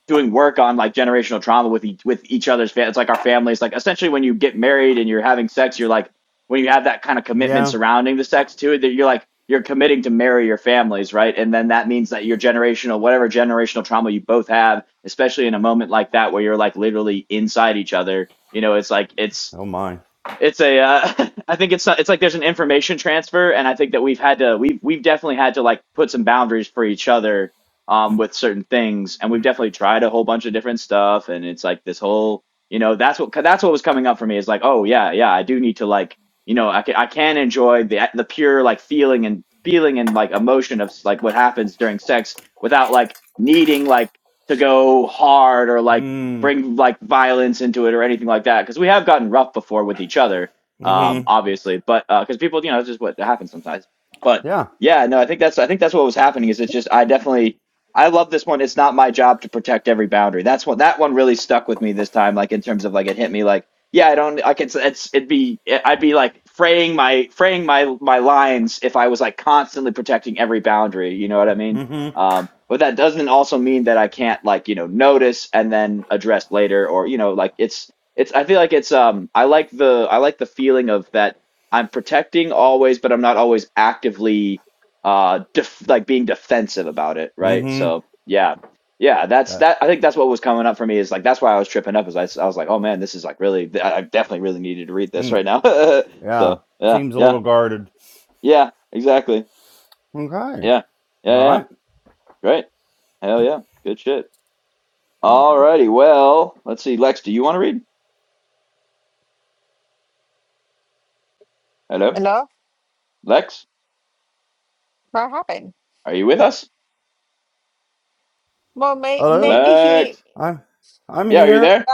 C: doing work on like generational trauma with each, with each other's fam- it's like our families like essentially when you get married and you're having sex you're like when you have that kind of commitment
A: Yeah.
C: surrounding the sex to it that you're like you're committing to marry your families right and then that means that your generational whatever generational trauma you both have especially in a moment like that where you're like literally inside each other you know it's like it's
A: Oh my.
C: it's a uh, [laughs] I think it's not, it's like there's an information transfer, and I think that we've had to we've we've definitely had to like put some boundaries for each other um with certain things, and we've definitely tried a whole bunch of different stuff, and it's like this whole you know that's what that's what was coming up for me is like oh yeah yeah I do need to like you know I can I can enjoy the the pure like feeling and feeling and like emotion of like what happens during sex without like needing like to go hard or like
A: Mm.
C: bring like violence into it or anything like that because we have gotten rough before with each other um
A: Mm-hmm.
C: obviously but uh because people you know it's just what happens sometimes but
A: Yeah.
C: yeah no i think that's i think that's what was happening is it's just i definitely i love this one it's not my job to protect every boundary that's what that one really stuck with me this time like in terms of like it hit me like yeah i don't i can it's it'd be i'd be like fraying my fraying my my lines if i was like constantly protecting every boundary you know what i mean
A: Mm-hmm.
C: um but that doesn't also mean that I can't like you know notice and then address later or you know like it's it's I feel like it's um I like the I like the feeling of that I'm protecting always but I'm not always actively uh def- like being defensive about it right
A: Mm-hmm.
C: so yeah yeah that's
A: Yeah.
C: that I think that's what was coming up for me is like that's why I was tripping up is I, s- I was like oh man this is like really I I definitely really needed to read this
A: Mm.
C: right now [laughs]
A: yeah.
C: so yeah
A: Seems a
C: yeah
A: little guarded.
C: yeah exactly
A: Okay.
C: yeah yeah yeah
A: All
C: yeah.
A: right.
C: great hell yeah good shit Alrighty, well, let's see. Lex, do you want to read? Hello?
B: Hello,
C: Lex?
B: what happened?
C: Are you with us?
B: Well, may,
A: Hello.
B: maybe he.
C: Lex?
A: I'm. I'm
C: Yeah, are you
A: here.
C: there?
B: Uh,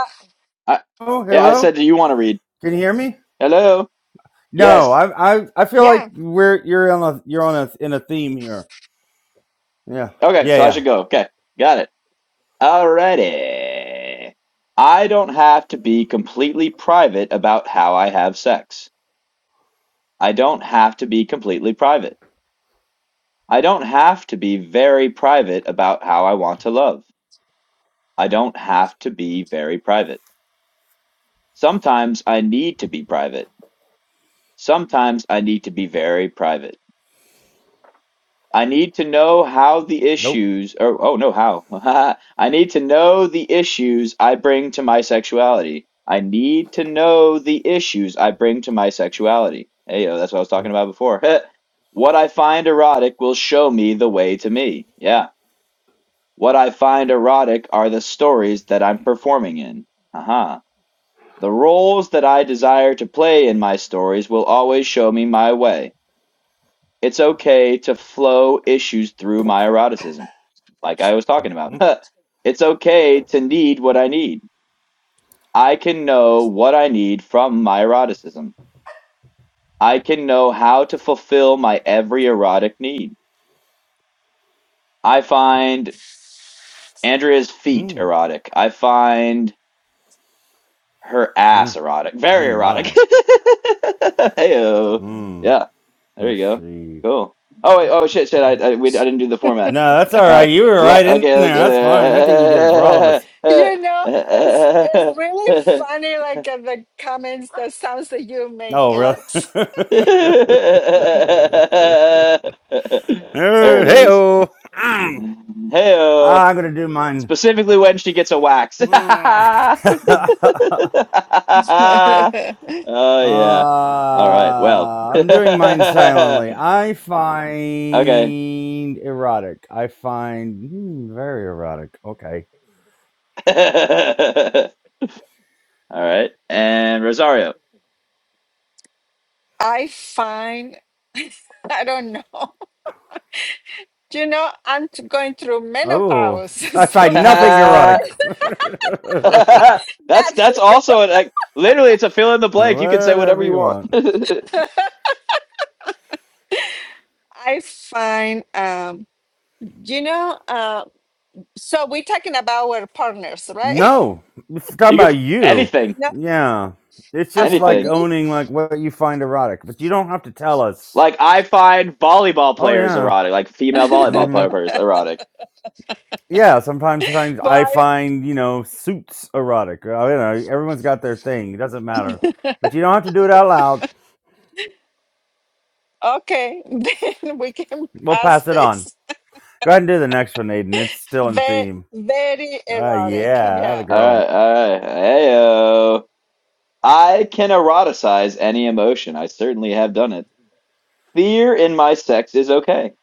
C: I
A: Oh,
C: yeah, I
A: hello.
C: said do you want to read?
A: Can you hear me?
C: Hello?
A: No,
C: Yes.
A: I I I feel like
B: yeah,
A: we're you're on a you're on a in a theme here. Yeah.
C: Okay,
A: Yeah,
C: so I
A: yeah.
C: should go. Okay. Got it. Alrighty. I don't have to be completely private about how I have sex. I don't have to be completely private. I don't have to be very private about how I want to love. I don't have to be very private. Sometimes I need to be private. Sometimes I need to be very private. I need to know how the
A: Nope.
C: issues, or oh no, how. [laughs] I need to know the issues I bring to my sexuality. I need to know the issues I bring to my sexuality. Hey, yo, that's what I was
A: Mm,
C: talking about before. [laughs] what I find erotic will show me the way to me. Yeah. What I find erotic are the stories that I'm performing in. Haha. The roles that I desire to play in my stories will always show me my way. It's okay to flow issues through my eroticism, like I was
A: mm,
C: talking about.
A: mm,
C: [laughs] it's okay to need what I need. I can know what I need from my eroticism. I can know how to fulfill my every erotic need. I find Andrea's feet
A: mm,
C: erotic. I find Her ass
A: mm,
C: erotic. Very
A: mm,
C: erotic. [laughs]
A: my.
C: Heyo.
A: Mm.
C: Yeah. There you
A: Let's
C: go.
A: see.
C: Cool. Oh wait. Oh shit. Shit. I I, we, I didn't do the format.
A: No, that's all
C: All right.
A: right. You were
C: Let,
A: right in
C: okay. Let's,
A: there. That's fine. I think you did it for all of us.
B: you
C: [laughs]
B: know, it's it's really funny. Like uh, the comments, the sounds that you make,
A: Oh, really?
B: Alex.
C: there
A: [laughs]
C: it
A: hey,
C: is.
A: oh.
C: Heyo.
A: I'm going to do mine.
C: Specifically when she gets a wax. [laughs]
A: [laughs]
C: oh
B: [laughs]
C: yeah. All right. Well.
A: Uh,
C: [laughs]
A: I'm
C: okay.
A: doing mine silently. I find erotic. I find hmm, very erotic. Okay.
C: [laughs] All right. And Rosario.
B: I find I don't know. Do you know, I'm t- going through
A: Oh,
B: menopause, [laughs] so
A: [laughs] I
B: there's
C: [laughs]
A: find nothing erotic.
C: that's
A: [laughs]
B: nothing
C: that's also an, like literally it's a fill in the blank. You can say whatever
A: Whatever
C: you
A: you
C: want. [laughs]
A: want.
C: you
B: I find. Um, you know, uh, so we're talking about our partners, right?
A: No, if talking
C: can
A: about
C: f-
A: you.
B: [laughs]
C: anything,
B: Not
A: Yeah, it's just
B: about
A: like
C: anything.
B: me,
A: owning like what you find erotic, but you don't have to tell us.
C: Like I find volleyball
A: Oh
C: players
A: yeah.
C: erotic, like female volleyball
A: Mm-hmm.
C: players erotic.
A: Yeah, sometimes, sometimes I
B: but
A: find you know suits erotic. uh, You know, everyone's got their thing. It doesn't matter, but you don't have to do it out loud.
B: okay, [laughs] then we can
A: We'll
B: pass
A: pass it on.
B: this.
A: Go ahead and do the next one, Aiden. It's still in
B: Very,
A: theme.
B: very
A: Uh,
B: erotic,
A: yeah, that a
B: yeah.
C: All
A: girl.
C: right, all right. Heyo. I can eroticize any emotion. I certainly have done it. Fear in my sex is okay.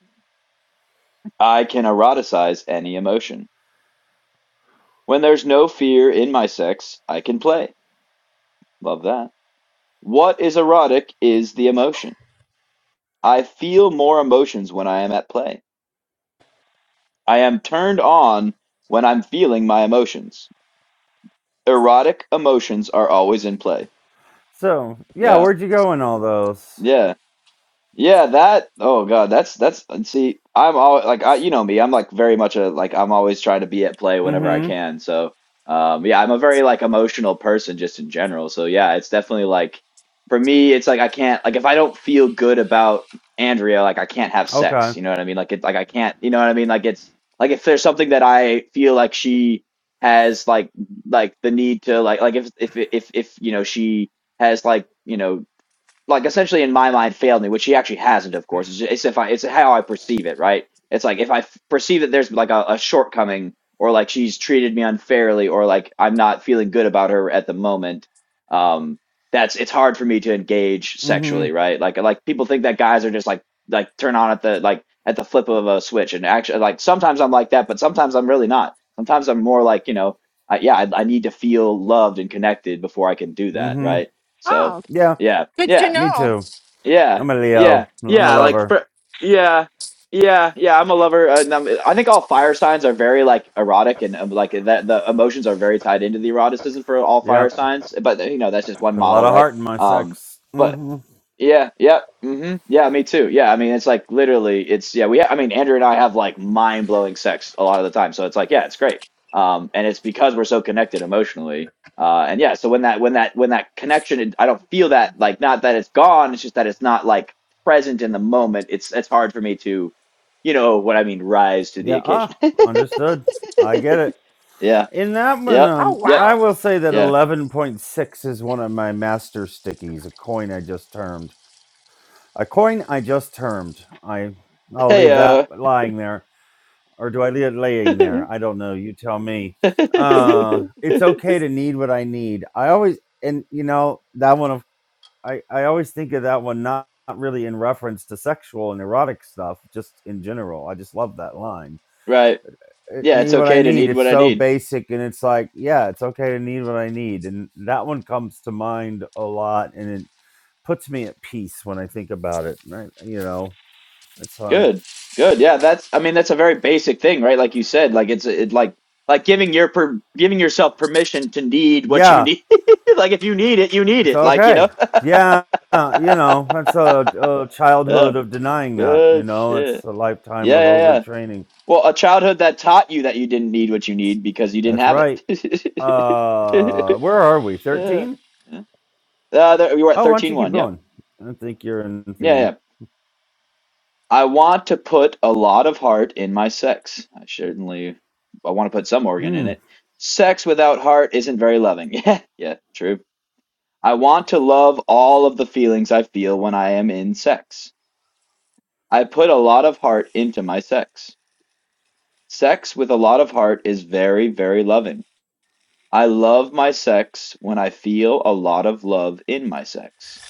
C: I can eroticize any emotion. When there's no fear in my sex, I can play. Love that. What is erotic is the emotion. I feel more emotions when I am at play. I am turned on when I'm feeling my emotions. Erotic emotions are always in play.
A: So yeah,
C: Yeah.
A: where'd you go in all those?
C: Yeah. Yeah, that. Oh God, that's that's. and See, I'm always like I, you know me. I'm like very much a like I'm always trying to be at play whenever I
A: Mm-hmm.
C: can. So, um, yeah, I'm a very like emotional person just in general. So yeah, it's definitely like for me, it's like I can't like if I don't feel good about Andrea, like I can't have
A: Okay.
C: sex. You know what I mean? Like it, like I can't. You know what I mean? Like it's like if there's something that I feel like she has like like the need to like like if if if if you know she has like you know like essentially in my mind failed me, which he actually hasn't, of course. It's, just, it's if I, it's how I perceive it, right? It's like if I f- perceive that there's like a, a shortcoming, or like she's treated me unfairly, or like I'm not feeling good about her at the moment. Um, that's it's hard for me to engage
A: Mm-hmm.
C: sexually, right? Like like people think that guys are just like like turn on at the like at the flip of a switch, and actually like sometimes I'm like that, but sometimes I'm really not. Sometimes I'm more like you know, I, yeah, I, I need to feel loved and connected before I can do that,
A: Mm-hmm.
C: right? So.
B: Oh,
A: Yeah,
C: Yeah,
B: good to
C: yeah.
A: me
B: know.
A: too.
C: Yeah,
A: I'm a
C: yeah,
A: Leo. I'm a
C: yeah. Like
A: lover.
C: for yeah, yeah, yeah. I'm a lover, uh, and I'm, I think all fire signs are very like erotic, and um, like that the emotions are very tied into the eroticism for all
A: Yeah,
C: fire signs. But you know, that's just one
A: put a lot
C: model,
A: of
C: right?
A: heart in my
C: Um,
A: sex.
C: but
A: Mm-hmm.
C: yeah, yeah. hmm Yeah, me too. Yeah, I mean, it's like literally, it's yeah, we I mean, Andrew and I have like mind-blowing sex a lot of the time. So it's like, yeah, it's great. Um, and it's because we're so connected emotionally. Uh, and yeah, so when that when that when that connection, it- I don't feel that like not that it's gone, it's just that it's not like present in the moment. It's it's hard for me to, you know, what I mean, rise to the
A: Yeah.
C: occasion.
A: Ah,
C: [laughs]
A: understood. I get it.
C: Yeah.
A: In that one,
C: Yep.
B: Oh,
A: um,
C: Yep.
A: I
B: wow.
A: will say that
C: Yeah.
A: 11.6 is one of my master stickies, a coin I just termed. A coin I just termed. I, I'll
C: Hey,
A: leave that
C: uh.
A: lying there. Or do I leave it
C: [laughs]
A: laying there? I don't know. You tell me. Uh, it's okay to need what I need. I always, and you know, that one of, I, I always think of that one not, not really in reference to sexual and erotic stuff, just in general. I just love that line
C: Right.
A: uh,
C: Yeah,
A: need
C: it's
A: what I
C: okay to
A: need.
C: need
A: It's
C: what I
A: so
C: need.
A: basic, and it's like, yeah, it's okay to need what I need, and that one comes to mind a lot, and it puts me at peace when I think about it. Right? You know, it's like,
C: Good. Good. Yeah, that's I mean that's a very basic thing, right? Like you said, like it's it like like giving your per giving yourself permission to need what you
A: yeah,
C: need. [laughs] Like if you need it, you need
A: it's
C: it. Like, you know.
A: okay. Yeah, uh, you
C: [laughs]
A: know, that's a, a
C: Yeah.
A: childhood of denying that. You
C: Good
A: know, it's
C: shit.
A: a lifetime
C: Yeah,
A: of
C: yeah, yeah.
A: overtraining.
C: Well, a childhood that taught you that you didn't need what you need because you didn't
A: That's
C: have
A: right.
C: it.
A: Uh,
C: [laughs]
A: where are we?
C: Yeah.
A: Thirteen?
C: Yeah. Uh, there, you were at
A: Oh, why don't
C: thirteen
A: you keep
C: one. Yep.
A: going? I think you're in
C: Yeah, yeah.
A: theme.
C: I want to put a lot of heart in my sex. I certainly I want to put some organ in
A: Mm.
C: it. Sex without heart isn't very loving. [laughs] Yeah, yeah, true. I want to love all of the feelings I feel when I am in sex. I put a lot of heart into my sex. Sex with a lot of heart is very, very loving. I love my sex when I feel a lot of love in my sex.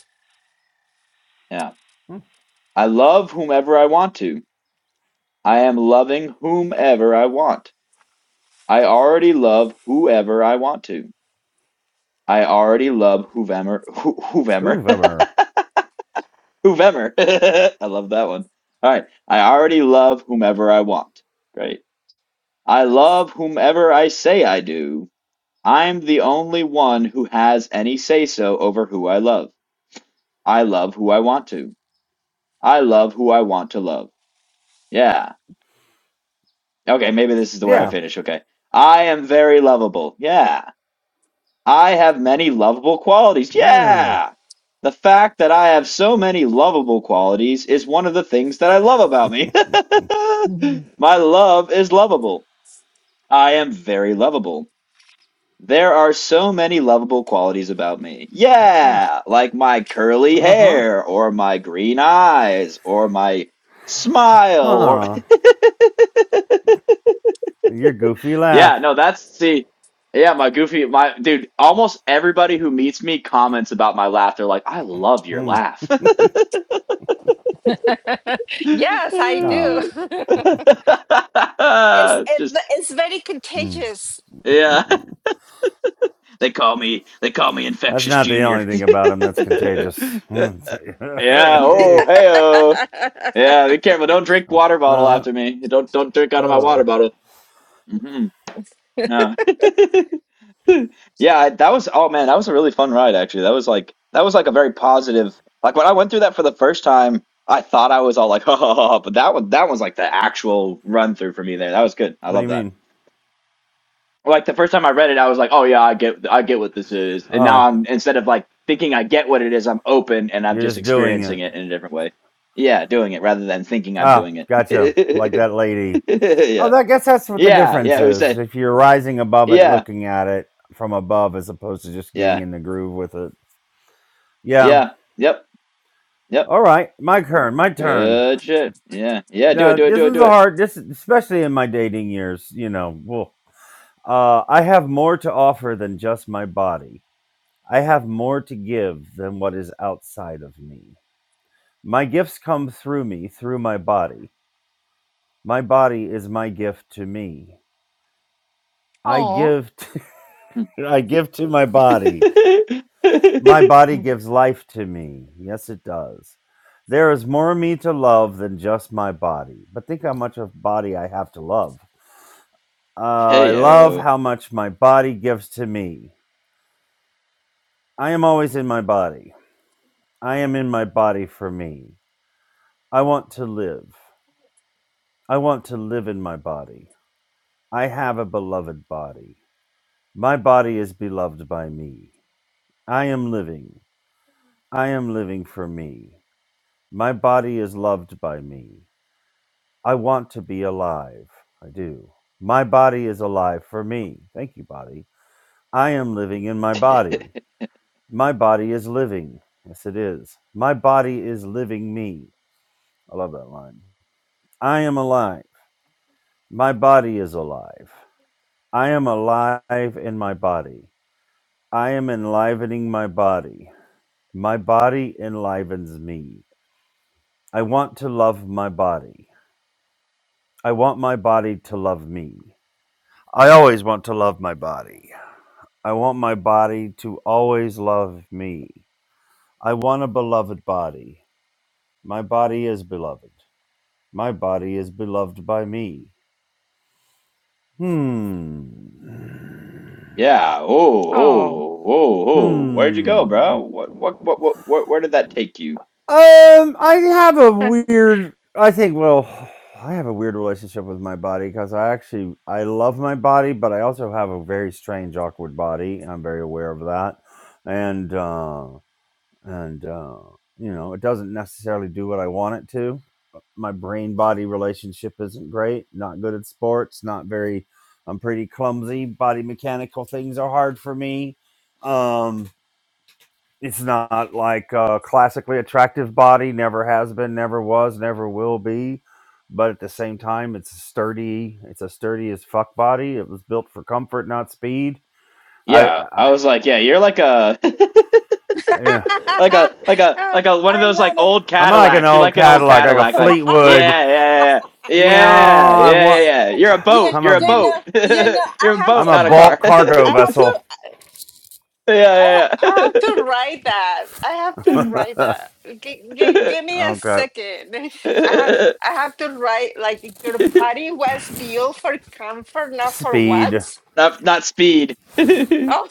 C: Yeah. I love whomever I want to. I am loving whomever I want. I already love whoever I want to. I already love whomever whomever whomever.
A: Hoover.
C: [laughs] I love that one. All right. I already love whomever I want. Great. I love whomever I say I do. I'm the only one who has any say so over who I love. I love who I want to. I love who I want to love. Yeah. Okay. Maybe this is the way I
A: Yeah.
C: finish. Okay. I am very lovable. Yeah. I have many lovable qualities.
A: Yeah.
C: Yeah. The fact that I have so many lovable qualities is one of the things that I love about me.
B: Mhm.
C: [laughs] My love is lovable. I am very lovable. There are so many lovable qualities about me.
A: Eh,
C: Yeah, like my curly
A: Uh-huh.
C: hair or my green eyes or my smile or
A: Huh. Your goofy laugh.
C: Yeah, no, that's see, yeah, my goofy, my dude, almost everybody who meets me comments about my laugh. They're like, I love your
A: Hmm.
C: laugh. [laughs]
B: Yes, I do. [laughs]
A: No.
B: it's
C: It's
B: it,
C: just,
B: it's very
A: Hmm.
B: contagious.
C: yeah,
A: [laughs]
C: [laughs] they call me, they call me
A: That's
C: Infectious
A: not the only
C: Junior.
A: thing about him that's contagious. [laughs]
C: [laughs] Yeah, oh,
A: Hey,
C: hey-oh. Yeah, be careful.
B: [laughs]
C: Don't drink water bottle
A: uh,
C: after me. Don't don't drink out of my water
A: oh.
C: bottle. hmm Yeah, I- that was oh man, that was a really fun ride actually. That was like that was like a very positive. Like when I went through that for the first time, I thought I was all like, [laughs] oh, but that one that was like the actual run through for me there. That was good. I
A: What do
C: love
A: you
C: that.
A: mean?
C: Like the first time I read it, I was like, oh yeah, I get I get what this is. And now
A: Oh,
C: I'm instead of like thinking I get what it is, I'm open and I'm
A: you're
C: just
A: just doing
C: experiencing
A: it.
C: it in a different way. Yeah, doing it rather than thinking I'm
A: Ah,
C: doing it.
A: gotcha. Like
C: [laughs]
A: that lady. Oh,
C: Yeah.
A: that, I guess that's what the
C: Yeah,
A: difference
C: yeah, who
A: is.
C: said?
A: If you're rising above it,
C: Yeah.
A: looking at it from above, as opposed to just getting
C: Yeah.
A: in the groove with it. Yeah.
C: Yeah. Yep. Yep.
A: All right. My turn. My turn.
C: Good shit. Yeah. Yeah, do it,
A: No,
C: do it,
A: this
C: do it,
A: is a
C: do
A: hard. This, especially in my dating years, you know. Well, uh, I have more to offer than just my body. I have more to give than what is outside of me. My gifts come through me, through my body. My body is my gift to me. I
B: oh.
A: give. To, [laughs] I give to my body. My
C: it.
A: body
C: [laughs]
A: gives life to me. Yes, it does. There is more of me to love than just my body. But think how much of body I have to love. Uh, I love
C: Heyo.
A: how much my body gives to me. I am always in my body. I am in my body for me. I want to live. I want to live in my body. I have a beloved body. My body is beloved by me. I am living. I am living for me. My body is loved by me. I want to be alive. I do. My body is alive for me. Thank you, body. I am living in my
C: [laughs]
A: body. My body is living. Yes, it is. My body is living me. I love that line. I am alive. My body is alive. I am alive in my body. I am enlivening my body. My body enlivens me. I want to love my body. I want my body to love me. I always want to love my body. I want my body to always love me. I want a beloved body. My body is beloved. My body is beloved by me. Hmm.
C: Yeah. Oh,
B: Oh.
C: oh, oh, oh. Where'd you go,
A: Hmm.
C: bro? What, what, what, what, where, where did that take you?
A: Um, I have a
B: [laughs] oh,
A: weird. I think. Well, I have a weird relationship with my body because I actually I love my body, but I also have a very strange, awkward body. and I'm very aware of that, and uh, and uh, you know it doesn't necessarily do what I want it to. uh, My brain body relationship isn't great. Not good at sports. Not very. I'm pretty clumsy. Body mechanical things are hard for me. Um, it's not like a classically attractive body. Never has been. Never was. Never will be. But at the same time, it's a sturdy. It's a sturdy as fuck body. It was built for comfort, not speed. I,
C: Yeah,
A: I,
C: I was like, yeah, you're like a,
A: I you know,
C: [laughs] like a, like a, like a one of
B: I
C: those like
B: love it.
C: old
A: I'm like an
C: Cadillacs. You're
A: old
C: like an old
A: Cadillac, like a
C: Cadillac. Like,
A: Fleetwood
C: yeah,
B: [laughs]
C: yeah, yeah,
A: You know,
C: yeah,
A: I
C: yeah, yeah.
A: want.
C: yeah. You're a
B: yeah,
C: boat.
A: I'm
C: You're a
B: you
A: a
C: boat.
B: know, you know,
C: [laughs] You're a
B: I have
A: I'm
B: to,
C: boat,
A: a
C: not a
B: I,
C: car.
A: bulk
C: [laughs]
A: cargo
B: I have to,
A: vessel.
B: I,
C: Yeah,
B: ha- I have to
C: yeah,
B: write that. I have to write that. G-
C: yeah.
B: g-
C: [laughs]
B: give me a
A: Okay.
B: second.
C: [laughs]
B: [laughs] I have,
C: not
B: I have to write like your body was built for comfort, not for
A: Speed.
B: what?
C: not speed. [laughs] well,
B: Oh,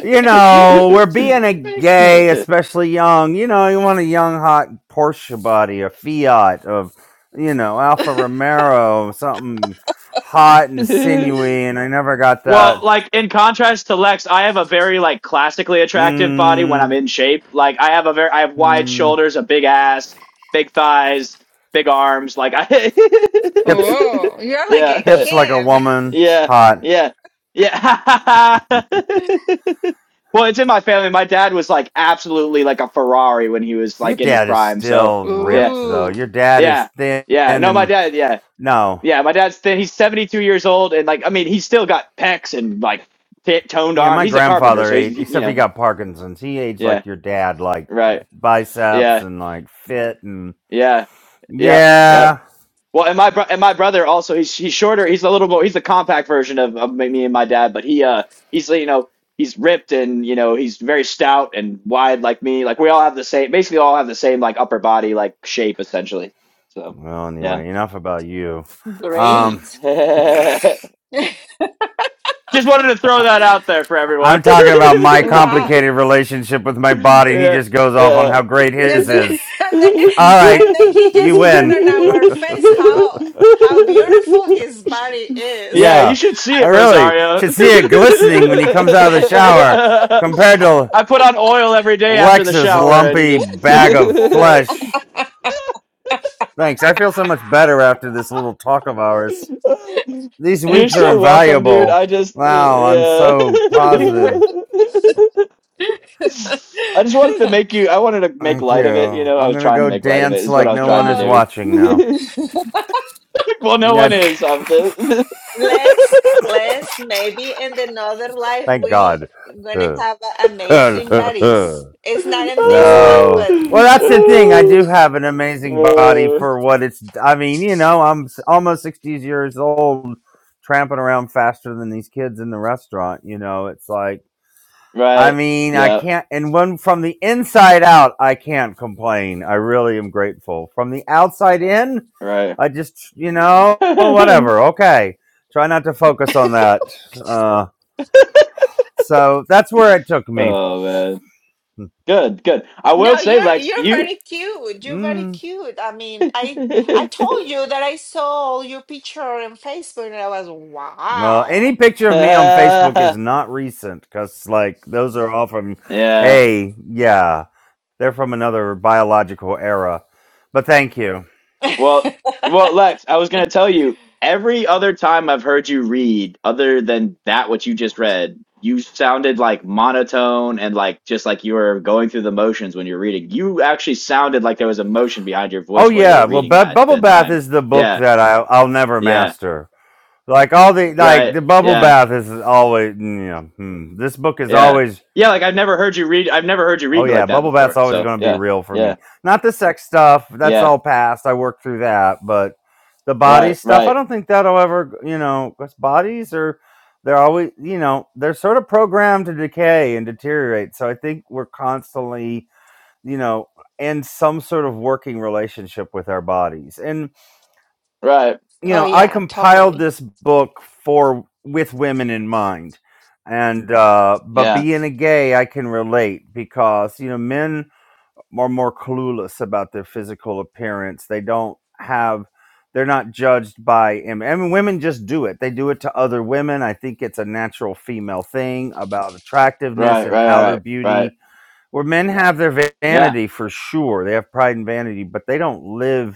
A: You know, we're being a
B: [laughs] thank you.
A: gay, especially young. You know, you want a young, hot Porsche body, a Fiat of, you know, Alfa Romero, something hot and sinewy, and I never got that.
C: like in contrast to Lex, I have a very like classically attractive body when I'm
A: Mm,
C: in shape. Like I have a very I have wide
A: mm,
C: shoulders, a big ass, big thighs, big arms. Like I
A: hips,
B: Oh,
C: [laughs]
B: you're like a
C: Yeah.
A: hips like a
B: can.
A: woman.
C: Yeah.
A: hot.
C: Yeah. Yeah. [laughs] well, it's in my family. My dad was like absolutely like a Ferrari when he was
A: Your
C: like in his
A: dad is
C: prime, so
B: [laughs]
A: still
C: yeah.
A: ripped, though.
B: Ooh,
A: Your dad is
C: Yeah.
A: thin
C: Yeah. No, my
A: and
C: dad, yeah.
A: no.
C: Yeah, my dad's thin. He's 72 years old and like I mean, he's still got pecs and like t- toned
A: Yeah,
C: arm.
A: my
C: He's a carpenter,
A: grandfather
C: so he's
A: ate,
C: he, you
A: except he
C: know.
A: got Parkinson's. He aged
C: Yeah.
A: like your dad, like
C: Right.
A: biceps
C: Yeah.
A: and like fit and
C: Yeah. Yep. Yep.
A: yeah.
C: Well, and my bro- and my brother also he's he's shorter. He's a little more he's the compact version of, of me and my dad, but he uh he's you know, he's ripped and you know, he's very stout and wide like me. Like we all have the same basically all have the same like upper body like shape essentially. So,
A: Well,
C: yeah.
A: anyway, enough about you. Um,
B: great.
C: [laughs] Just wanted to throw that out there for everyone.
A: I'm talking about my
B: Wow.
C: [laughs]
A: complicated relationship with my body, and he
C: yeah,
A: just goes off on
C: yeah.
A: how great his
B: And then,
A: is.
B: [laughs] and they,
A: All right,
B: and then he
A: you
B: just put it
A: win.
B: on our face how how
A: [laughs]
B: beautiful
C: [laughs]
B: his body is.
C: yeah, you
A: yeah,
C: should see
A: I
C: it,
A: really
C: Rosario.
A: should see it glistening when he comes out of the shower compared to
C: [laughs] I put on oil every day after the
A: Lex's
C: shower and
A: lumpy
C: just.
A: bag
B: [laughs]
A: of flesh. Thanks. I feel so much better after this little talk of ours. These
C: [laughs] You're
A: weeks are
C: so welcome, dude.
A: invaluable.
C: I just.
A: Wow, I'm
C: Yeah.
A: so positive.
C: [laughs] I just wanted to make you. I wanted to make
A: Thank
C: light
A: you.
C: of it. You know, I
A: I'm
C: was
A: gonna
C: trying to
A: go
C: make light of it.
A: dance
C: Is what
A: like
C: I was
A: no one
C: trying to
A: is
B: but
C: do. [laughs]
A: watching now. [laughs]
C: well, no
A: Yeah,
C: one is. I'm the.
B: let's
C: [laughs]
B: let's maybe in another life
A: Thank
B: we
A: God. [laughs]
B: gonna
A: no.
B: have
A: Well,
B: amazing bodies. It's not in this one, but in
A: that's
B: the
A: the
B: next
A: thing. I
B: one.
A: do have an amazing body
C: Uh,
A: for what it's. I mean, you know, I'm almost 60 years old, tramping around faster than these kids in the restaurant. You know, it's like. I
C: right.
A: mean, I
C: Yeah.
A: can't, and when from the inside out, I can't complain. I really am grateful. From the outside in,
C: Right. [laughs]
A: I just, you know,
C: oh
A: whatever. Okay. Try not to focus on that. Uh, so that's where it took me.
C: man. Good. Good. I will
B: No,
C: say,
B: you're
C: Lex,
B: you're
C: you.
B: very cute. You're very
A: Mm.
B: cute. I mean, I I told you that I saw your picture on Facebook and I was
A: Well,
B: wow.
A: any
C: [laughs]
A: picture of me on Facebook
C: yeah.
A: is not recent because, like, those are all from A, yeah, they're from another biological era. But thank you.
C: Well,
B: [laughs]
C: well, Lex, I was gonna tell you. Every other time I've heard you read, other than that, what you just read, you sounded like monotone and like just like you were going through the motions when you're reading. You actually sounded like there was emotion behind your
A: Oh,
C: voice while you were
A: yeah. Well,
C: reading
A: Bu-
C: that
A: Bubble
C: that
A: Bath
C: time.
A: is the book
C: Yeah,
A: that I- I'll never
C: yeah,
A: master Like all the like the
C: right,
A: bubble
C: yeah,
A: bath is always you know hmm, this book is
C: yeah,
A: always
C: yeah. Like I've never heard you read. I've never heard you
A: oh
C: read like
A: yeah
C: that
A: bubble bath's
C: before.
A: always
C: So
A: going to be
C: yeah,
A: real for
C: yeah,
A: me. Not the sex stuff that's
C: yeah,
A: all past. I worked through that, but the body
C: right,
A: stuff I
C: right,
A: don't think that'll ever you know 'cause bodies are they're always you know they're sort of programmed to decay and deteriorate. So I think we're constantly you know in some sort of working relationship with our bodies and
C: right,
A: you
B: Oh
A: know i
B: yeah,
A: compiled
B: totally.
A: this book for with women in mind and uh but
C: yeah,
A: being a gay i can relate because you know men are more clueless about their physical appearance they don't have they're not judged by im- I mean, women just do it. They do it to other women. I think it's a natural female thing about attractiveness
C: right,
A: and
C: right, right,
A: outer
C: right, right,
A: beauty. Where men have their va-
C: yeah,
A: vanity for sure, they have pride and vanity, but they don't live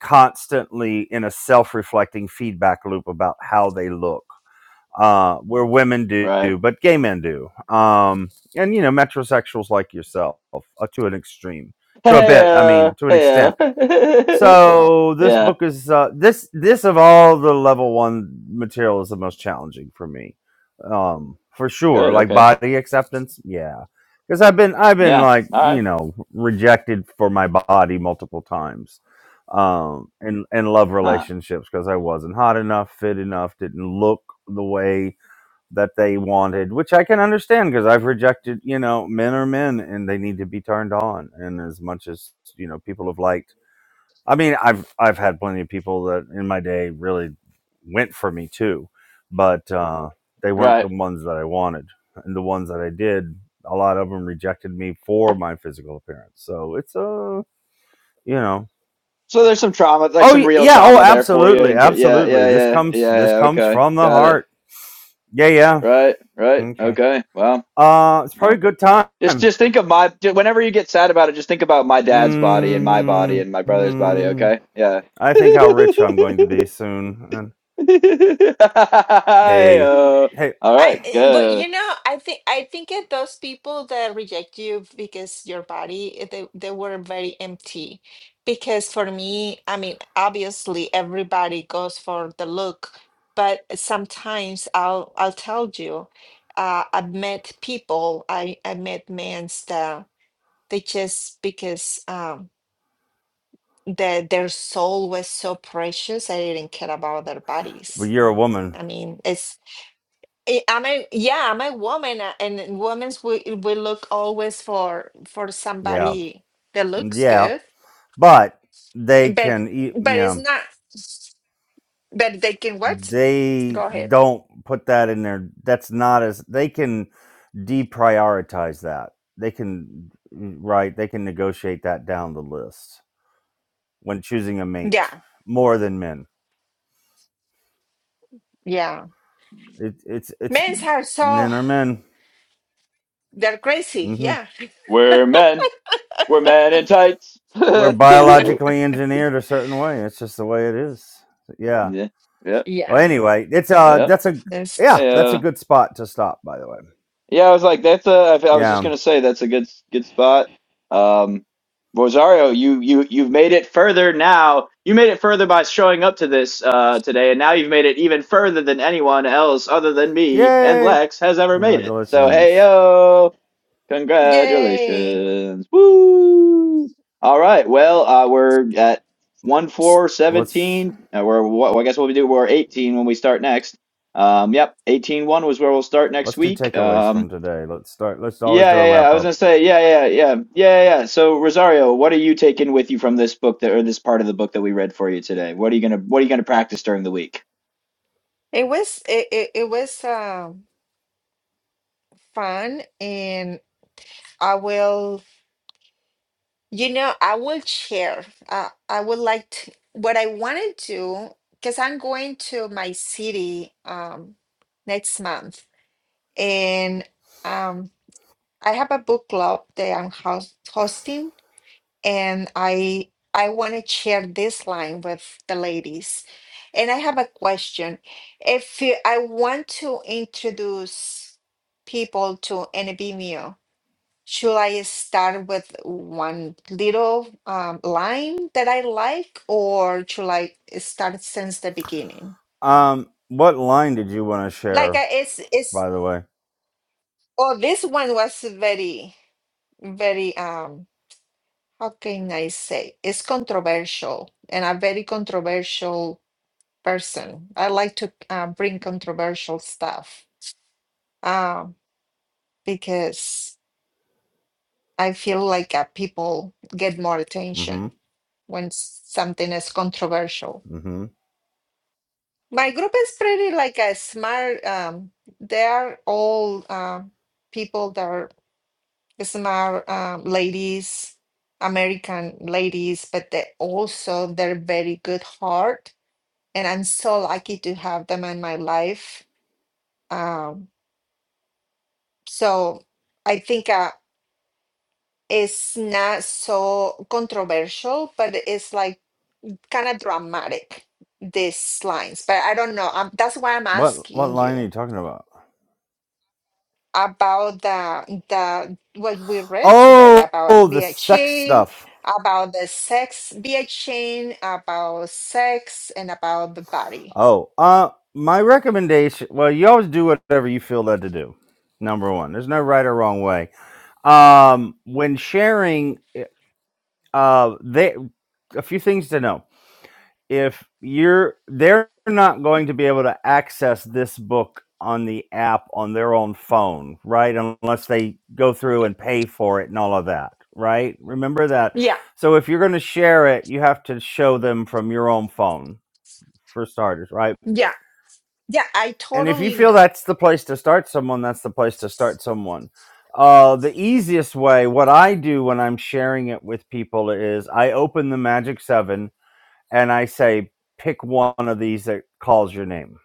A: constantly in a self-reflecting feedback loop about how they look uh where women do
C: right.
A: but gay men do um and you know metrosexuals like yourself uh, to an extreme to a
C: Hey,
A: bit i
C: uh,
A: mean to an
C: hey,
A: extent
C: uh. [laughs]
A: so this
C: Yeah.
A: book is uh, this this of all the level one material is the most challenging for me, um, for sure.
C: Good.
A: Like
C: Okay.
A: body acceptance, yeah, because I've been I've been
C: Yeah.
A: like
C: All
A: you
C: right.
A: know rejected for my body multiple times, um, and and love
C: Huh.
A: relationships because I wasn't hot enough, fit enough, didn't look the way that they wanted, which I can understand because I've rejected you know men are men and they need to be turned on, and as much as you know people have liked I mean, I've I've had plenty of people that in my day really went for me too, but uh, they weren't the
C: Right.
A: ones that I wanted, and the ones that I did, a lot of them rejected me for my physical appearance. So it's a, uh, you know,
C: So there's some trauma, like
A: oh
C: some
A: y-
C: real
A: yeah, oh
C: trauma there for you.
A: absolutely,
C: And ju- yeah,
A: absolutely.
C: yeah,
A: This
C: yeah,
A: comes
C: yeah,
A: this
C: yeah.
A: comes
C: Okay.
A: from the
C: Got it.
A: heart. Yeah, yeah.
C: Right. Right.
A: Okay.
C: Okay. Well,
A: Uh, it's probably a
C: well.
A: good
C: Just,
A: time.
C: just think of my. ju- Whenever you get sad about it, just think about my dad's body and my body
A: hmm
C: and my brother's body. Okay. Yeah.
A: I think how
C: [laughs]
A: rich I'm going to be soon. And
C: Hey,
A: hey,
C: uh,
A: hey,
C: all
B: I,
C: right.
B: eh, but
C: Good.
B: you know, I think I think it those people that reject you because your body, eh, they they were very empty. Because for me, I mean, obviously everybody goes for the look, but sometimes I'll I'll tell you, uh, I've met people, I I met men that they just because um their their soul was so precious, I didn't care about their
A: well,
B: bodies.
A: you're a woman.
B: I mean, I- I'm a yeah, I'm a woman, uh, and in women's we we look always for for
A: Yeah,
B: somebody that looks
A: yeah,
B: good,
A: but they
B: but
A: can eat. You
B: but it's
A: know,
B: not. But they can what?
A: they
B: Go ahead.
A: don't put that in there. That's not as they can deprioritize that. They can mm, right. They can negotiate that down the list when choosing a mate
B: Yeah,
A: more than men.
B: yeah.
A: It, it's it's
B: Men's are so
A: men are men.
B: they're crazy.
A: hmm
B: Yeah,
C: We're men. We're men in tights.
A: We're
C: [laughs]
A: biologically engineered a certain way. It's just the way it is. Yeah.
C: Yeah, yeah,
B: [laughs]
A: Well,
B: yeah.
A: anyway, it's uh
C: yeah.
A: that's a yeah
B: That's
C: Hey,
A: that's a
C: uh,
A: good spot to stop. By the way.
C: yeah, I was like, that's a. I I was just
A: Yeah
C: gonna say that's a good good spot. Um, Rosario, you you you've made it further now. You made it further by showing up to this uh today, and now you've made it even further than anyone else other than me and
A: Yay!
C: Lex has ever made it. So hey
A: Congratulations.
C: yo.
B: yay.
C: Congratulations. Woo! All right. Well, uh, we're at 1 four
A: Let's
C: seventeen, 17. Uh, we're, what, I guess what we do, we're 18 when we start next. Um, yep. eighteen one was where we'll start
A: let's
C: next
A: do
C: week.
A: takeaways
C: Um,
A: from today. Let's start. Let's always
C: yeah,
A: do a
C: yeah, yeah.
A: wrap
C: I was
A: up.
C: going to say, yeah, yeah, yeah. Yeah, yeah. yeah. So, Rosario, what are you taking with you from this book that, or this part of the book that we read for you today? What are you going to, what are you going to practice during the week?
B: It was it it, it was um fun, and I will. You know, I will share. Uh, I would like to, what I want to do, because I'm going to my city um, next month, and um, I have a book club that I'm house hosting, and I I want to share this line with the ladies. And I have a question. If you, I want to introduce people to NBMU, should I start with one little um, line that I like, or should I start since the beginning?
A: Um, what line did you want to
B: Like
A: share?
B: uh, it's it's
A: By the way.
B: oh this one was very very um how can I say it's controversial and a very controversial person. I like to uh, bring controversial stuff um, because I feel like uh, people get more
A: Mm-hmm.
B: attention when something is controversial.
A: Mm-hmm.
B: My group is pretty like a smart. Um, they are all uh, people that are smart um, ladies, American ladies, but they also they're very good heart, and I'm so lucky to have them in my life. Um, so I think uh, it's not so controversial, but it's like kind of dramatic these lines. But I don't know. Um that's why I'm
A: What what
B: asking
A: line are
B: you.
A: you talking about?
B: about the the what we read today
A: Oh,
B: about
A: oh, the
B: BI
A: sex
B: chain,
A: stuff.
B: about the sex BI chain, about sex and about the body.
A: Oh, uh, my recommendation. Well, you always do whatever you feel led to do. Number one, there's no right or wrong way. Um, when sharing, uh, they a few things to know. if you're they're not going to be able to access this book on the app on their own phone right unless they go through and pay for it and all of that right remember that
B: Yeah,
A: so if you're going to share it you have to show them from your own phone for starters right
B: yeah, yeah. I
A: and if you
B: totally
A: feel
B: know.
A: that's the place to start someone that's the place to start someone uh, the easiest way what i do when i'm sharing it with people is i open the magic seven and I say, pick one of these that calls your name.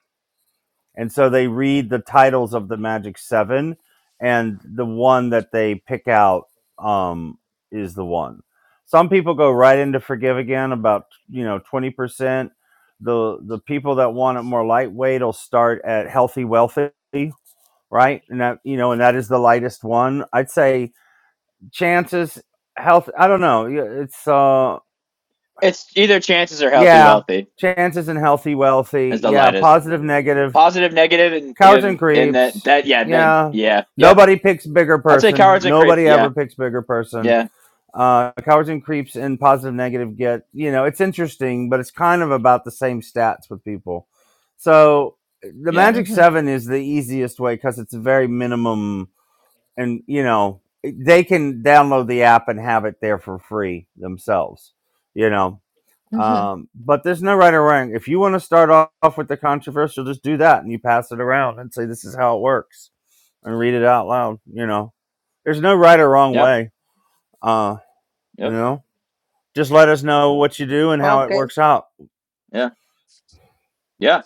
A: And so they read the titles of the Magic Seven, and the one that they pick out um, is the one. Some people go right into Forgive Again, about you know twenty percent. The the people that want it more lightweight will start at Healthy Wealthy, right? And that you know, and that is the lightest one. I'd say chances health. I don't know. Yeah, It's uh
C: It's either chances or healthy,
A: Yeah.
C: wealthy
A: Chances and healthy, wealthy.
C: is the
A: Yeah.
C: lightest.
A: Positive, negative.
C: Positive, negative,
A: Cowards and
C: and, and that,
A: creeps.
C: that, yeah, that,
A: Yeah.
C: yeah, yep.
A: Nobody picks bigger
C: I'd say
A: person.
C: cowards and creeps.
A: Nobody
C: Yeah,
A: ever picks bigger person.
C: yeah,
A: Uh, cowards and creeps and positive, negative get, you know, it's interesting, but it's kind of about the same stats with people. So the
C: yeah,
A: Magic
B: hmm
A: Seven is the easiest way because it's a very minimum and, you know, they can download the app and have it there for free themselves, you know.
B: hmm
A: Um, but there's no right or wrong. If you want to start off, with the controversial, just do that and you pass it around and say this is how it works and read it out loud. You know, there's no right or wrong
C: yeah,
A: way. Uh, you
C: yep,
A: know, just let us know what you do and how it
B: Okay.
A: works out.
C: yeah, yeah,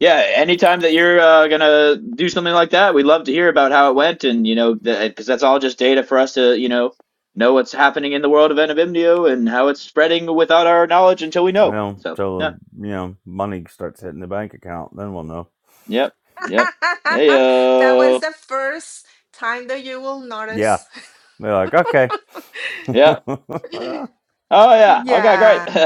C: yeah. Anytime that you're uh, gonna do something like that, we'd love to hear about how it went, and you know, because that's all just data for us to, you know, know what's happening in the world of NVMDO and how it's spreading without our knowledge until we know.
A: Well,
C: So yeah,
A: till you know money starts hitting the bank account, then we'll know.
C: yep,
B: [laughs]
C: yep, hey
B: that was
C: yo,
B: the first time that you will
A: Yeah,
B: notice. [laughs]
A: they're like, okay.
C: yeah,
A: [laughs]
C: oh yeah, okay, great,
B: Yeah.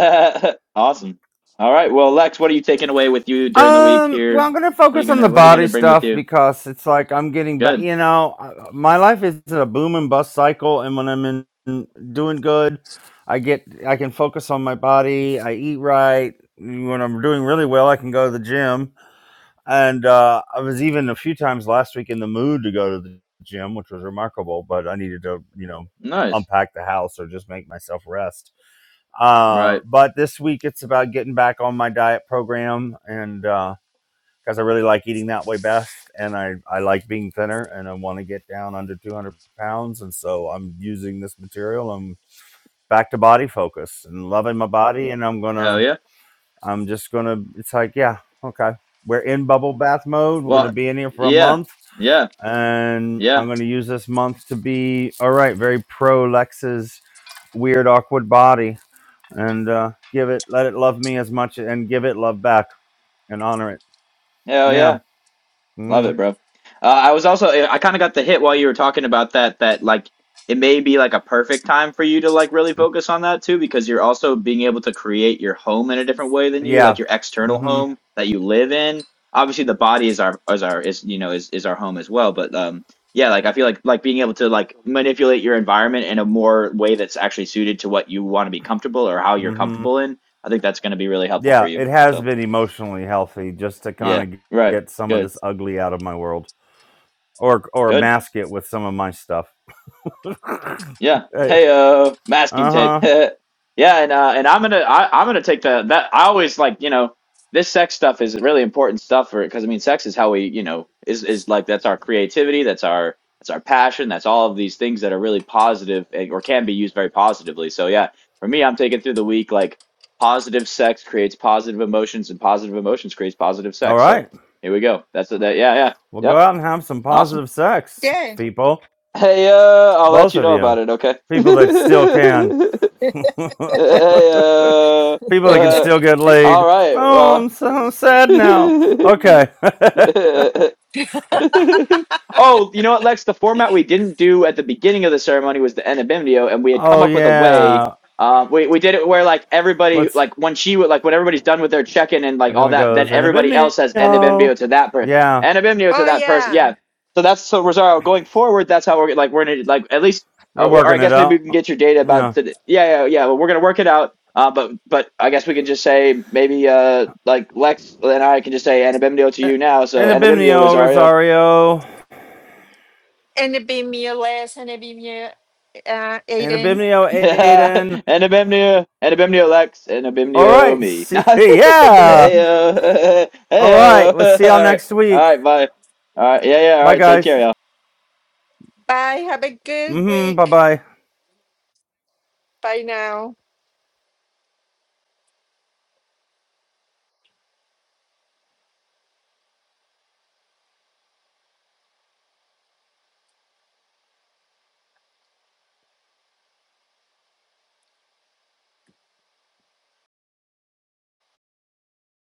C: [laughs] awesome. All right, well, Lex, what are you taking away with you during the week
A: Um, well,
C: here?
A: I'm gonna
C: What are you
A: focus on the
C: gonna What are you
A: body
C: gonna bring with
A: stuff
C: you?
A: because it's like I'm getting back.
C: Good,
A: You know, uh, my life is a boom and bust cycle, and when I'm in in doing good, I get I can focus on my body. I eat right. When I'm doing really well, I can go to the gym. And uh, I was even a few times last week in the mood to go to the gym, which was remarkable. But I needed to, you know,
C: nice.
A: unpack the house or just make myself rest. Uh,
C: Right.
A: but this week it's about getting back on my diet program and. Uh, because I really like eating that way best, and I I like being thinner, and I want to get down under 200 pounds, and so I'm using this material. I'm back to body focus and loving my body, and I'm
C: Hell
A: gonna
C: yeah.
A: I'm just gonna. It's like yeah, okay, we're in bubble bath mode. We're gonna
C: Well,
A: be in here for a
C: yeah.
A: month,
C: Yeah.
A: and
C: Yeah.
A: I'm gonna use this month to be all right. Very pro Lex's weird awkward body, and uh, give it let it love me as much, and give it love back and honor it.
C: Hell
A: Yeah.
C: yeah. Love it,
A: Mm-hmm.
C: bro. Uh, I was also I kind of got the hit while you were talking about that that like it may be like a perfect time for you to like really focus on that too because you're also being able to create your home in a different way than you like
A: Yeah.
C: your external
A: Mhm.
C: home that you live in. Obviously, the body is our is our is you know is is our home as well, but um yeah, like I feel like like being able to like manipulate your environment in a more way that's actually suited to what you want to be comfortable or how you're
A: Mhm.
C: comfortable in. I think that's going to be really helpful for
A: Yeah,
C: you.
A: it has
C: So,
A: been emotionally healthy just to
C: yeah.
A: kind of
C: Right.
A: get some of
C: Good.
A: this ugly out of my world or or
C: Good.
A: mask it with some of my stuff. [laughs]
C: Yeah.
A: Hey,
C: Hey, uh, masking tape. [laughs]
A: uh-huh.
C: yeah, and uh, and I'm gonna I, I'm gonna take the that I always like you know this sex stuff is really important stuff for it because I mean sex is how we you know is is like that's our creativity that's our that's our passion that's all of these things that are really positive and, or can be used very positively. So yeah, for me, I'm taking through the week like positive sex creates positive emotions and positive emotions creates positive
A: All
C: sex. So
A: right.
C: here we go. That's that. Yeah, yeah,
A: Well, go
C: yep.
A: out and have some
C: Awesome.
A: positive sex,
B: Yeah.
A: people.
C: Hey, uh, I'll let
A: Both
C: you
A: of
C: know about
A: you.
C: it, okay?
A: People that still can.
C: [laughs]
A: [laughs] people
C: Hey,
A: that
C: uh,
A: can
C: uh,
A: still get
C: all
A: laid.
C: right,
A: Oh,
C: well.
A: I'm so sad now. Okay. [laughs]
C: [laughs] [laughs] oh, you know what, Lex? The format we didn't do at the beginning of the ceremony was the enabimnio, and we had come
A: oh
C: up with a way.
A: yeah.
C: Uh, we we did it where like everybody
A: Let's
C: like when she would like when everybody's done with their check in and like
A: And then
C: all
A: it
C: that, then
A: goes, and
C: everybody else has
A: Abimnio.
C: enabimnio to that person,
A: Yeah,
C: enabimnio to
B: Oh
C: that person.
B: yeah.
C: Yeah. So that's so Rosario going forward. That's how we're like we're gonna like at least
A: we're
C: uh, or, or I
A: working it
C: guess maybe
A: out.
C: we can get your data about
A: Yeah.
C: the yeah yeah yeah. Well, we're gonna work it out. Uh, but but I guess we can just say maybe uh like Lex and I can just say anabimnio to
A: A-
C: you now. So
A: And
C: anabimnio
A: Abimnio,
C: Rosario.
A: Rosario.
B: And it be me less and it be me uh
A: And
B: Aiden.
A: Abimnio,
C: Yeah, [laughs]
A: Aiden.
C: and Abimnio, and Abimnio Lex, and
A: All
C: Abimnio
A: right.
C: me. [laughs]
A: See, [laughs] yeah.
B: [laughs]
C: Heyo, [laughs]
A: All right.
C: heyo. [laughs]
A: We'll
C: All
A: see y'all
C: right,
A: next
C: all
A: week.
C: right, bye. All right, yeah, yeah. All
A: Bye,
C: right, take
A: guys.
C: care, y'all.
B: Bye. Have a good
A: Mm-hmm.
B: week.
A: Bye-bye.
B: Bye now.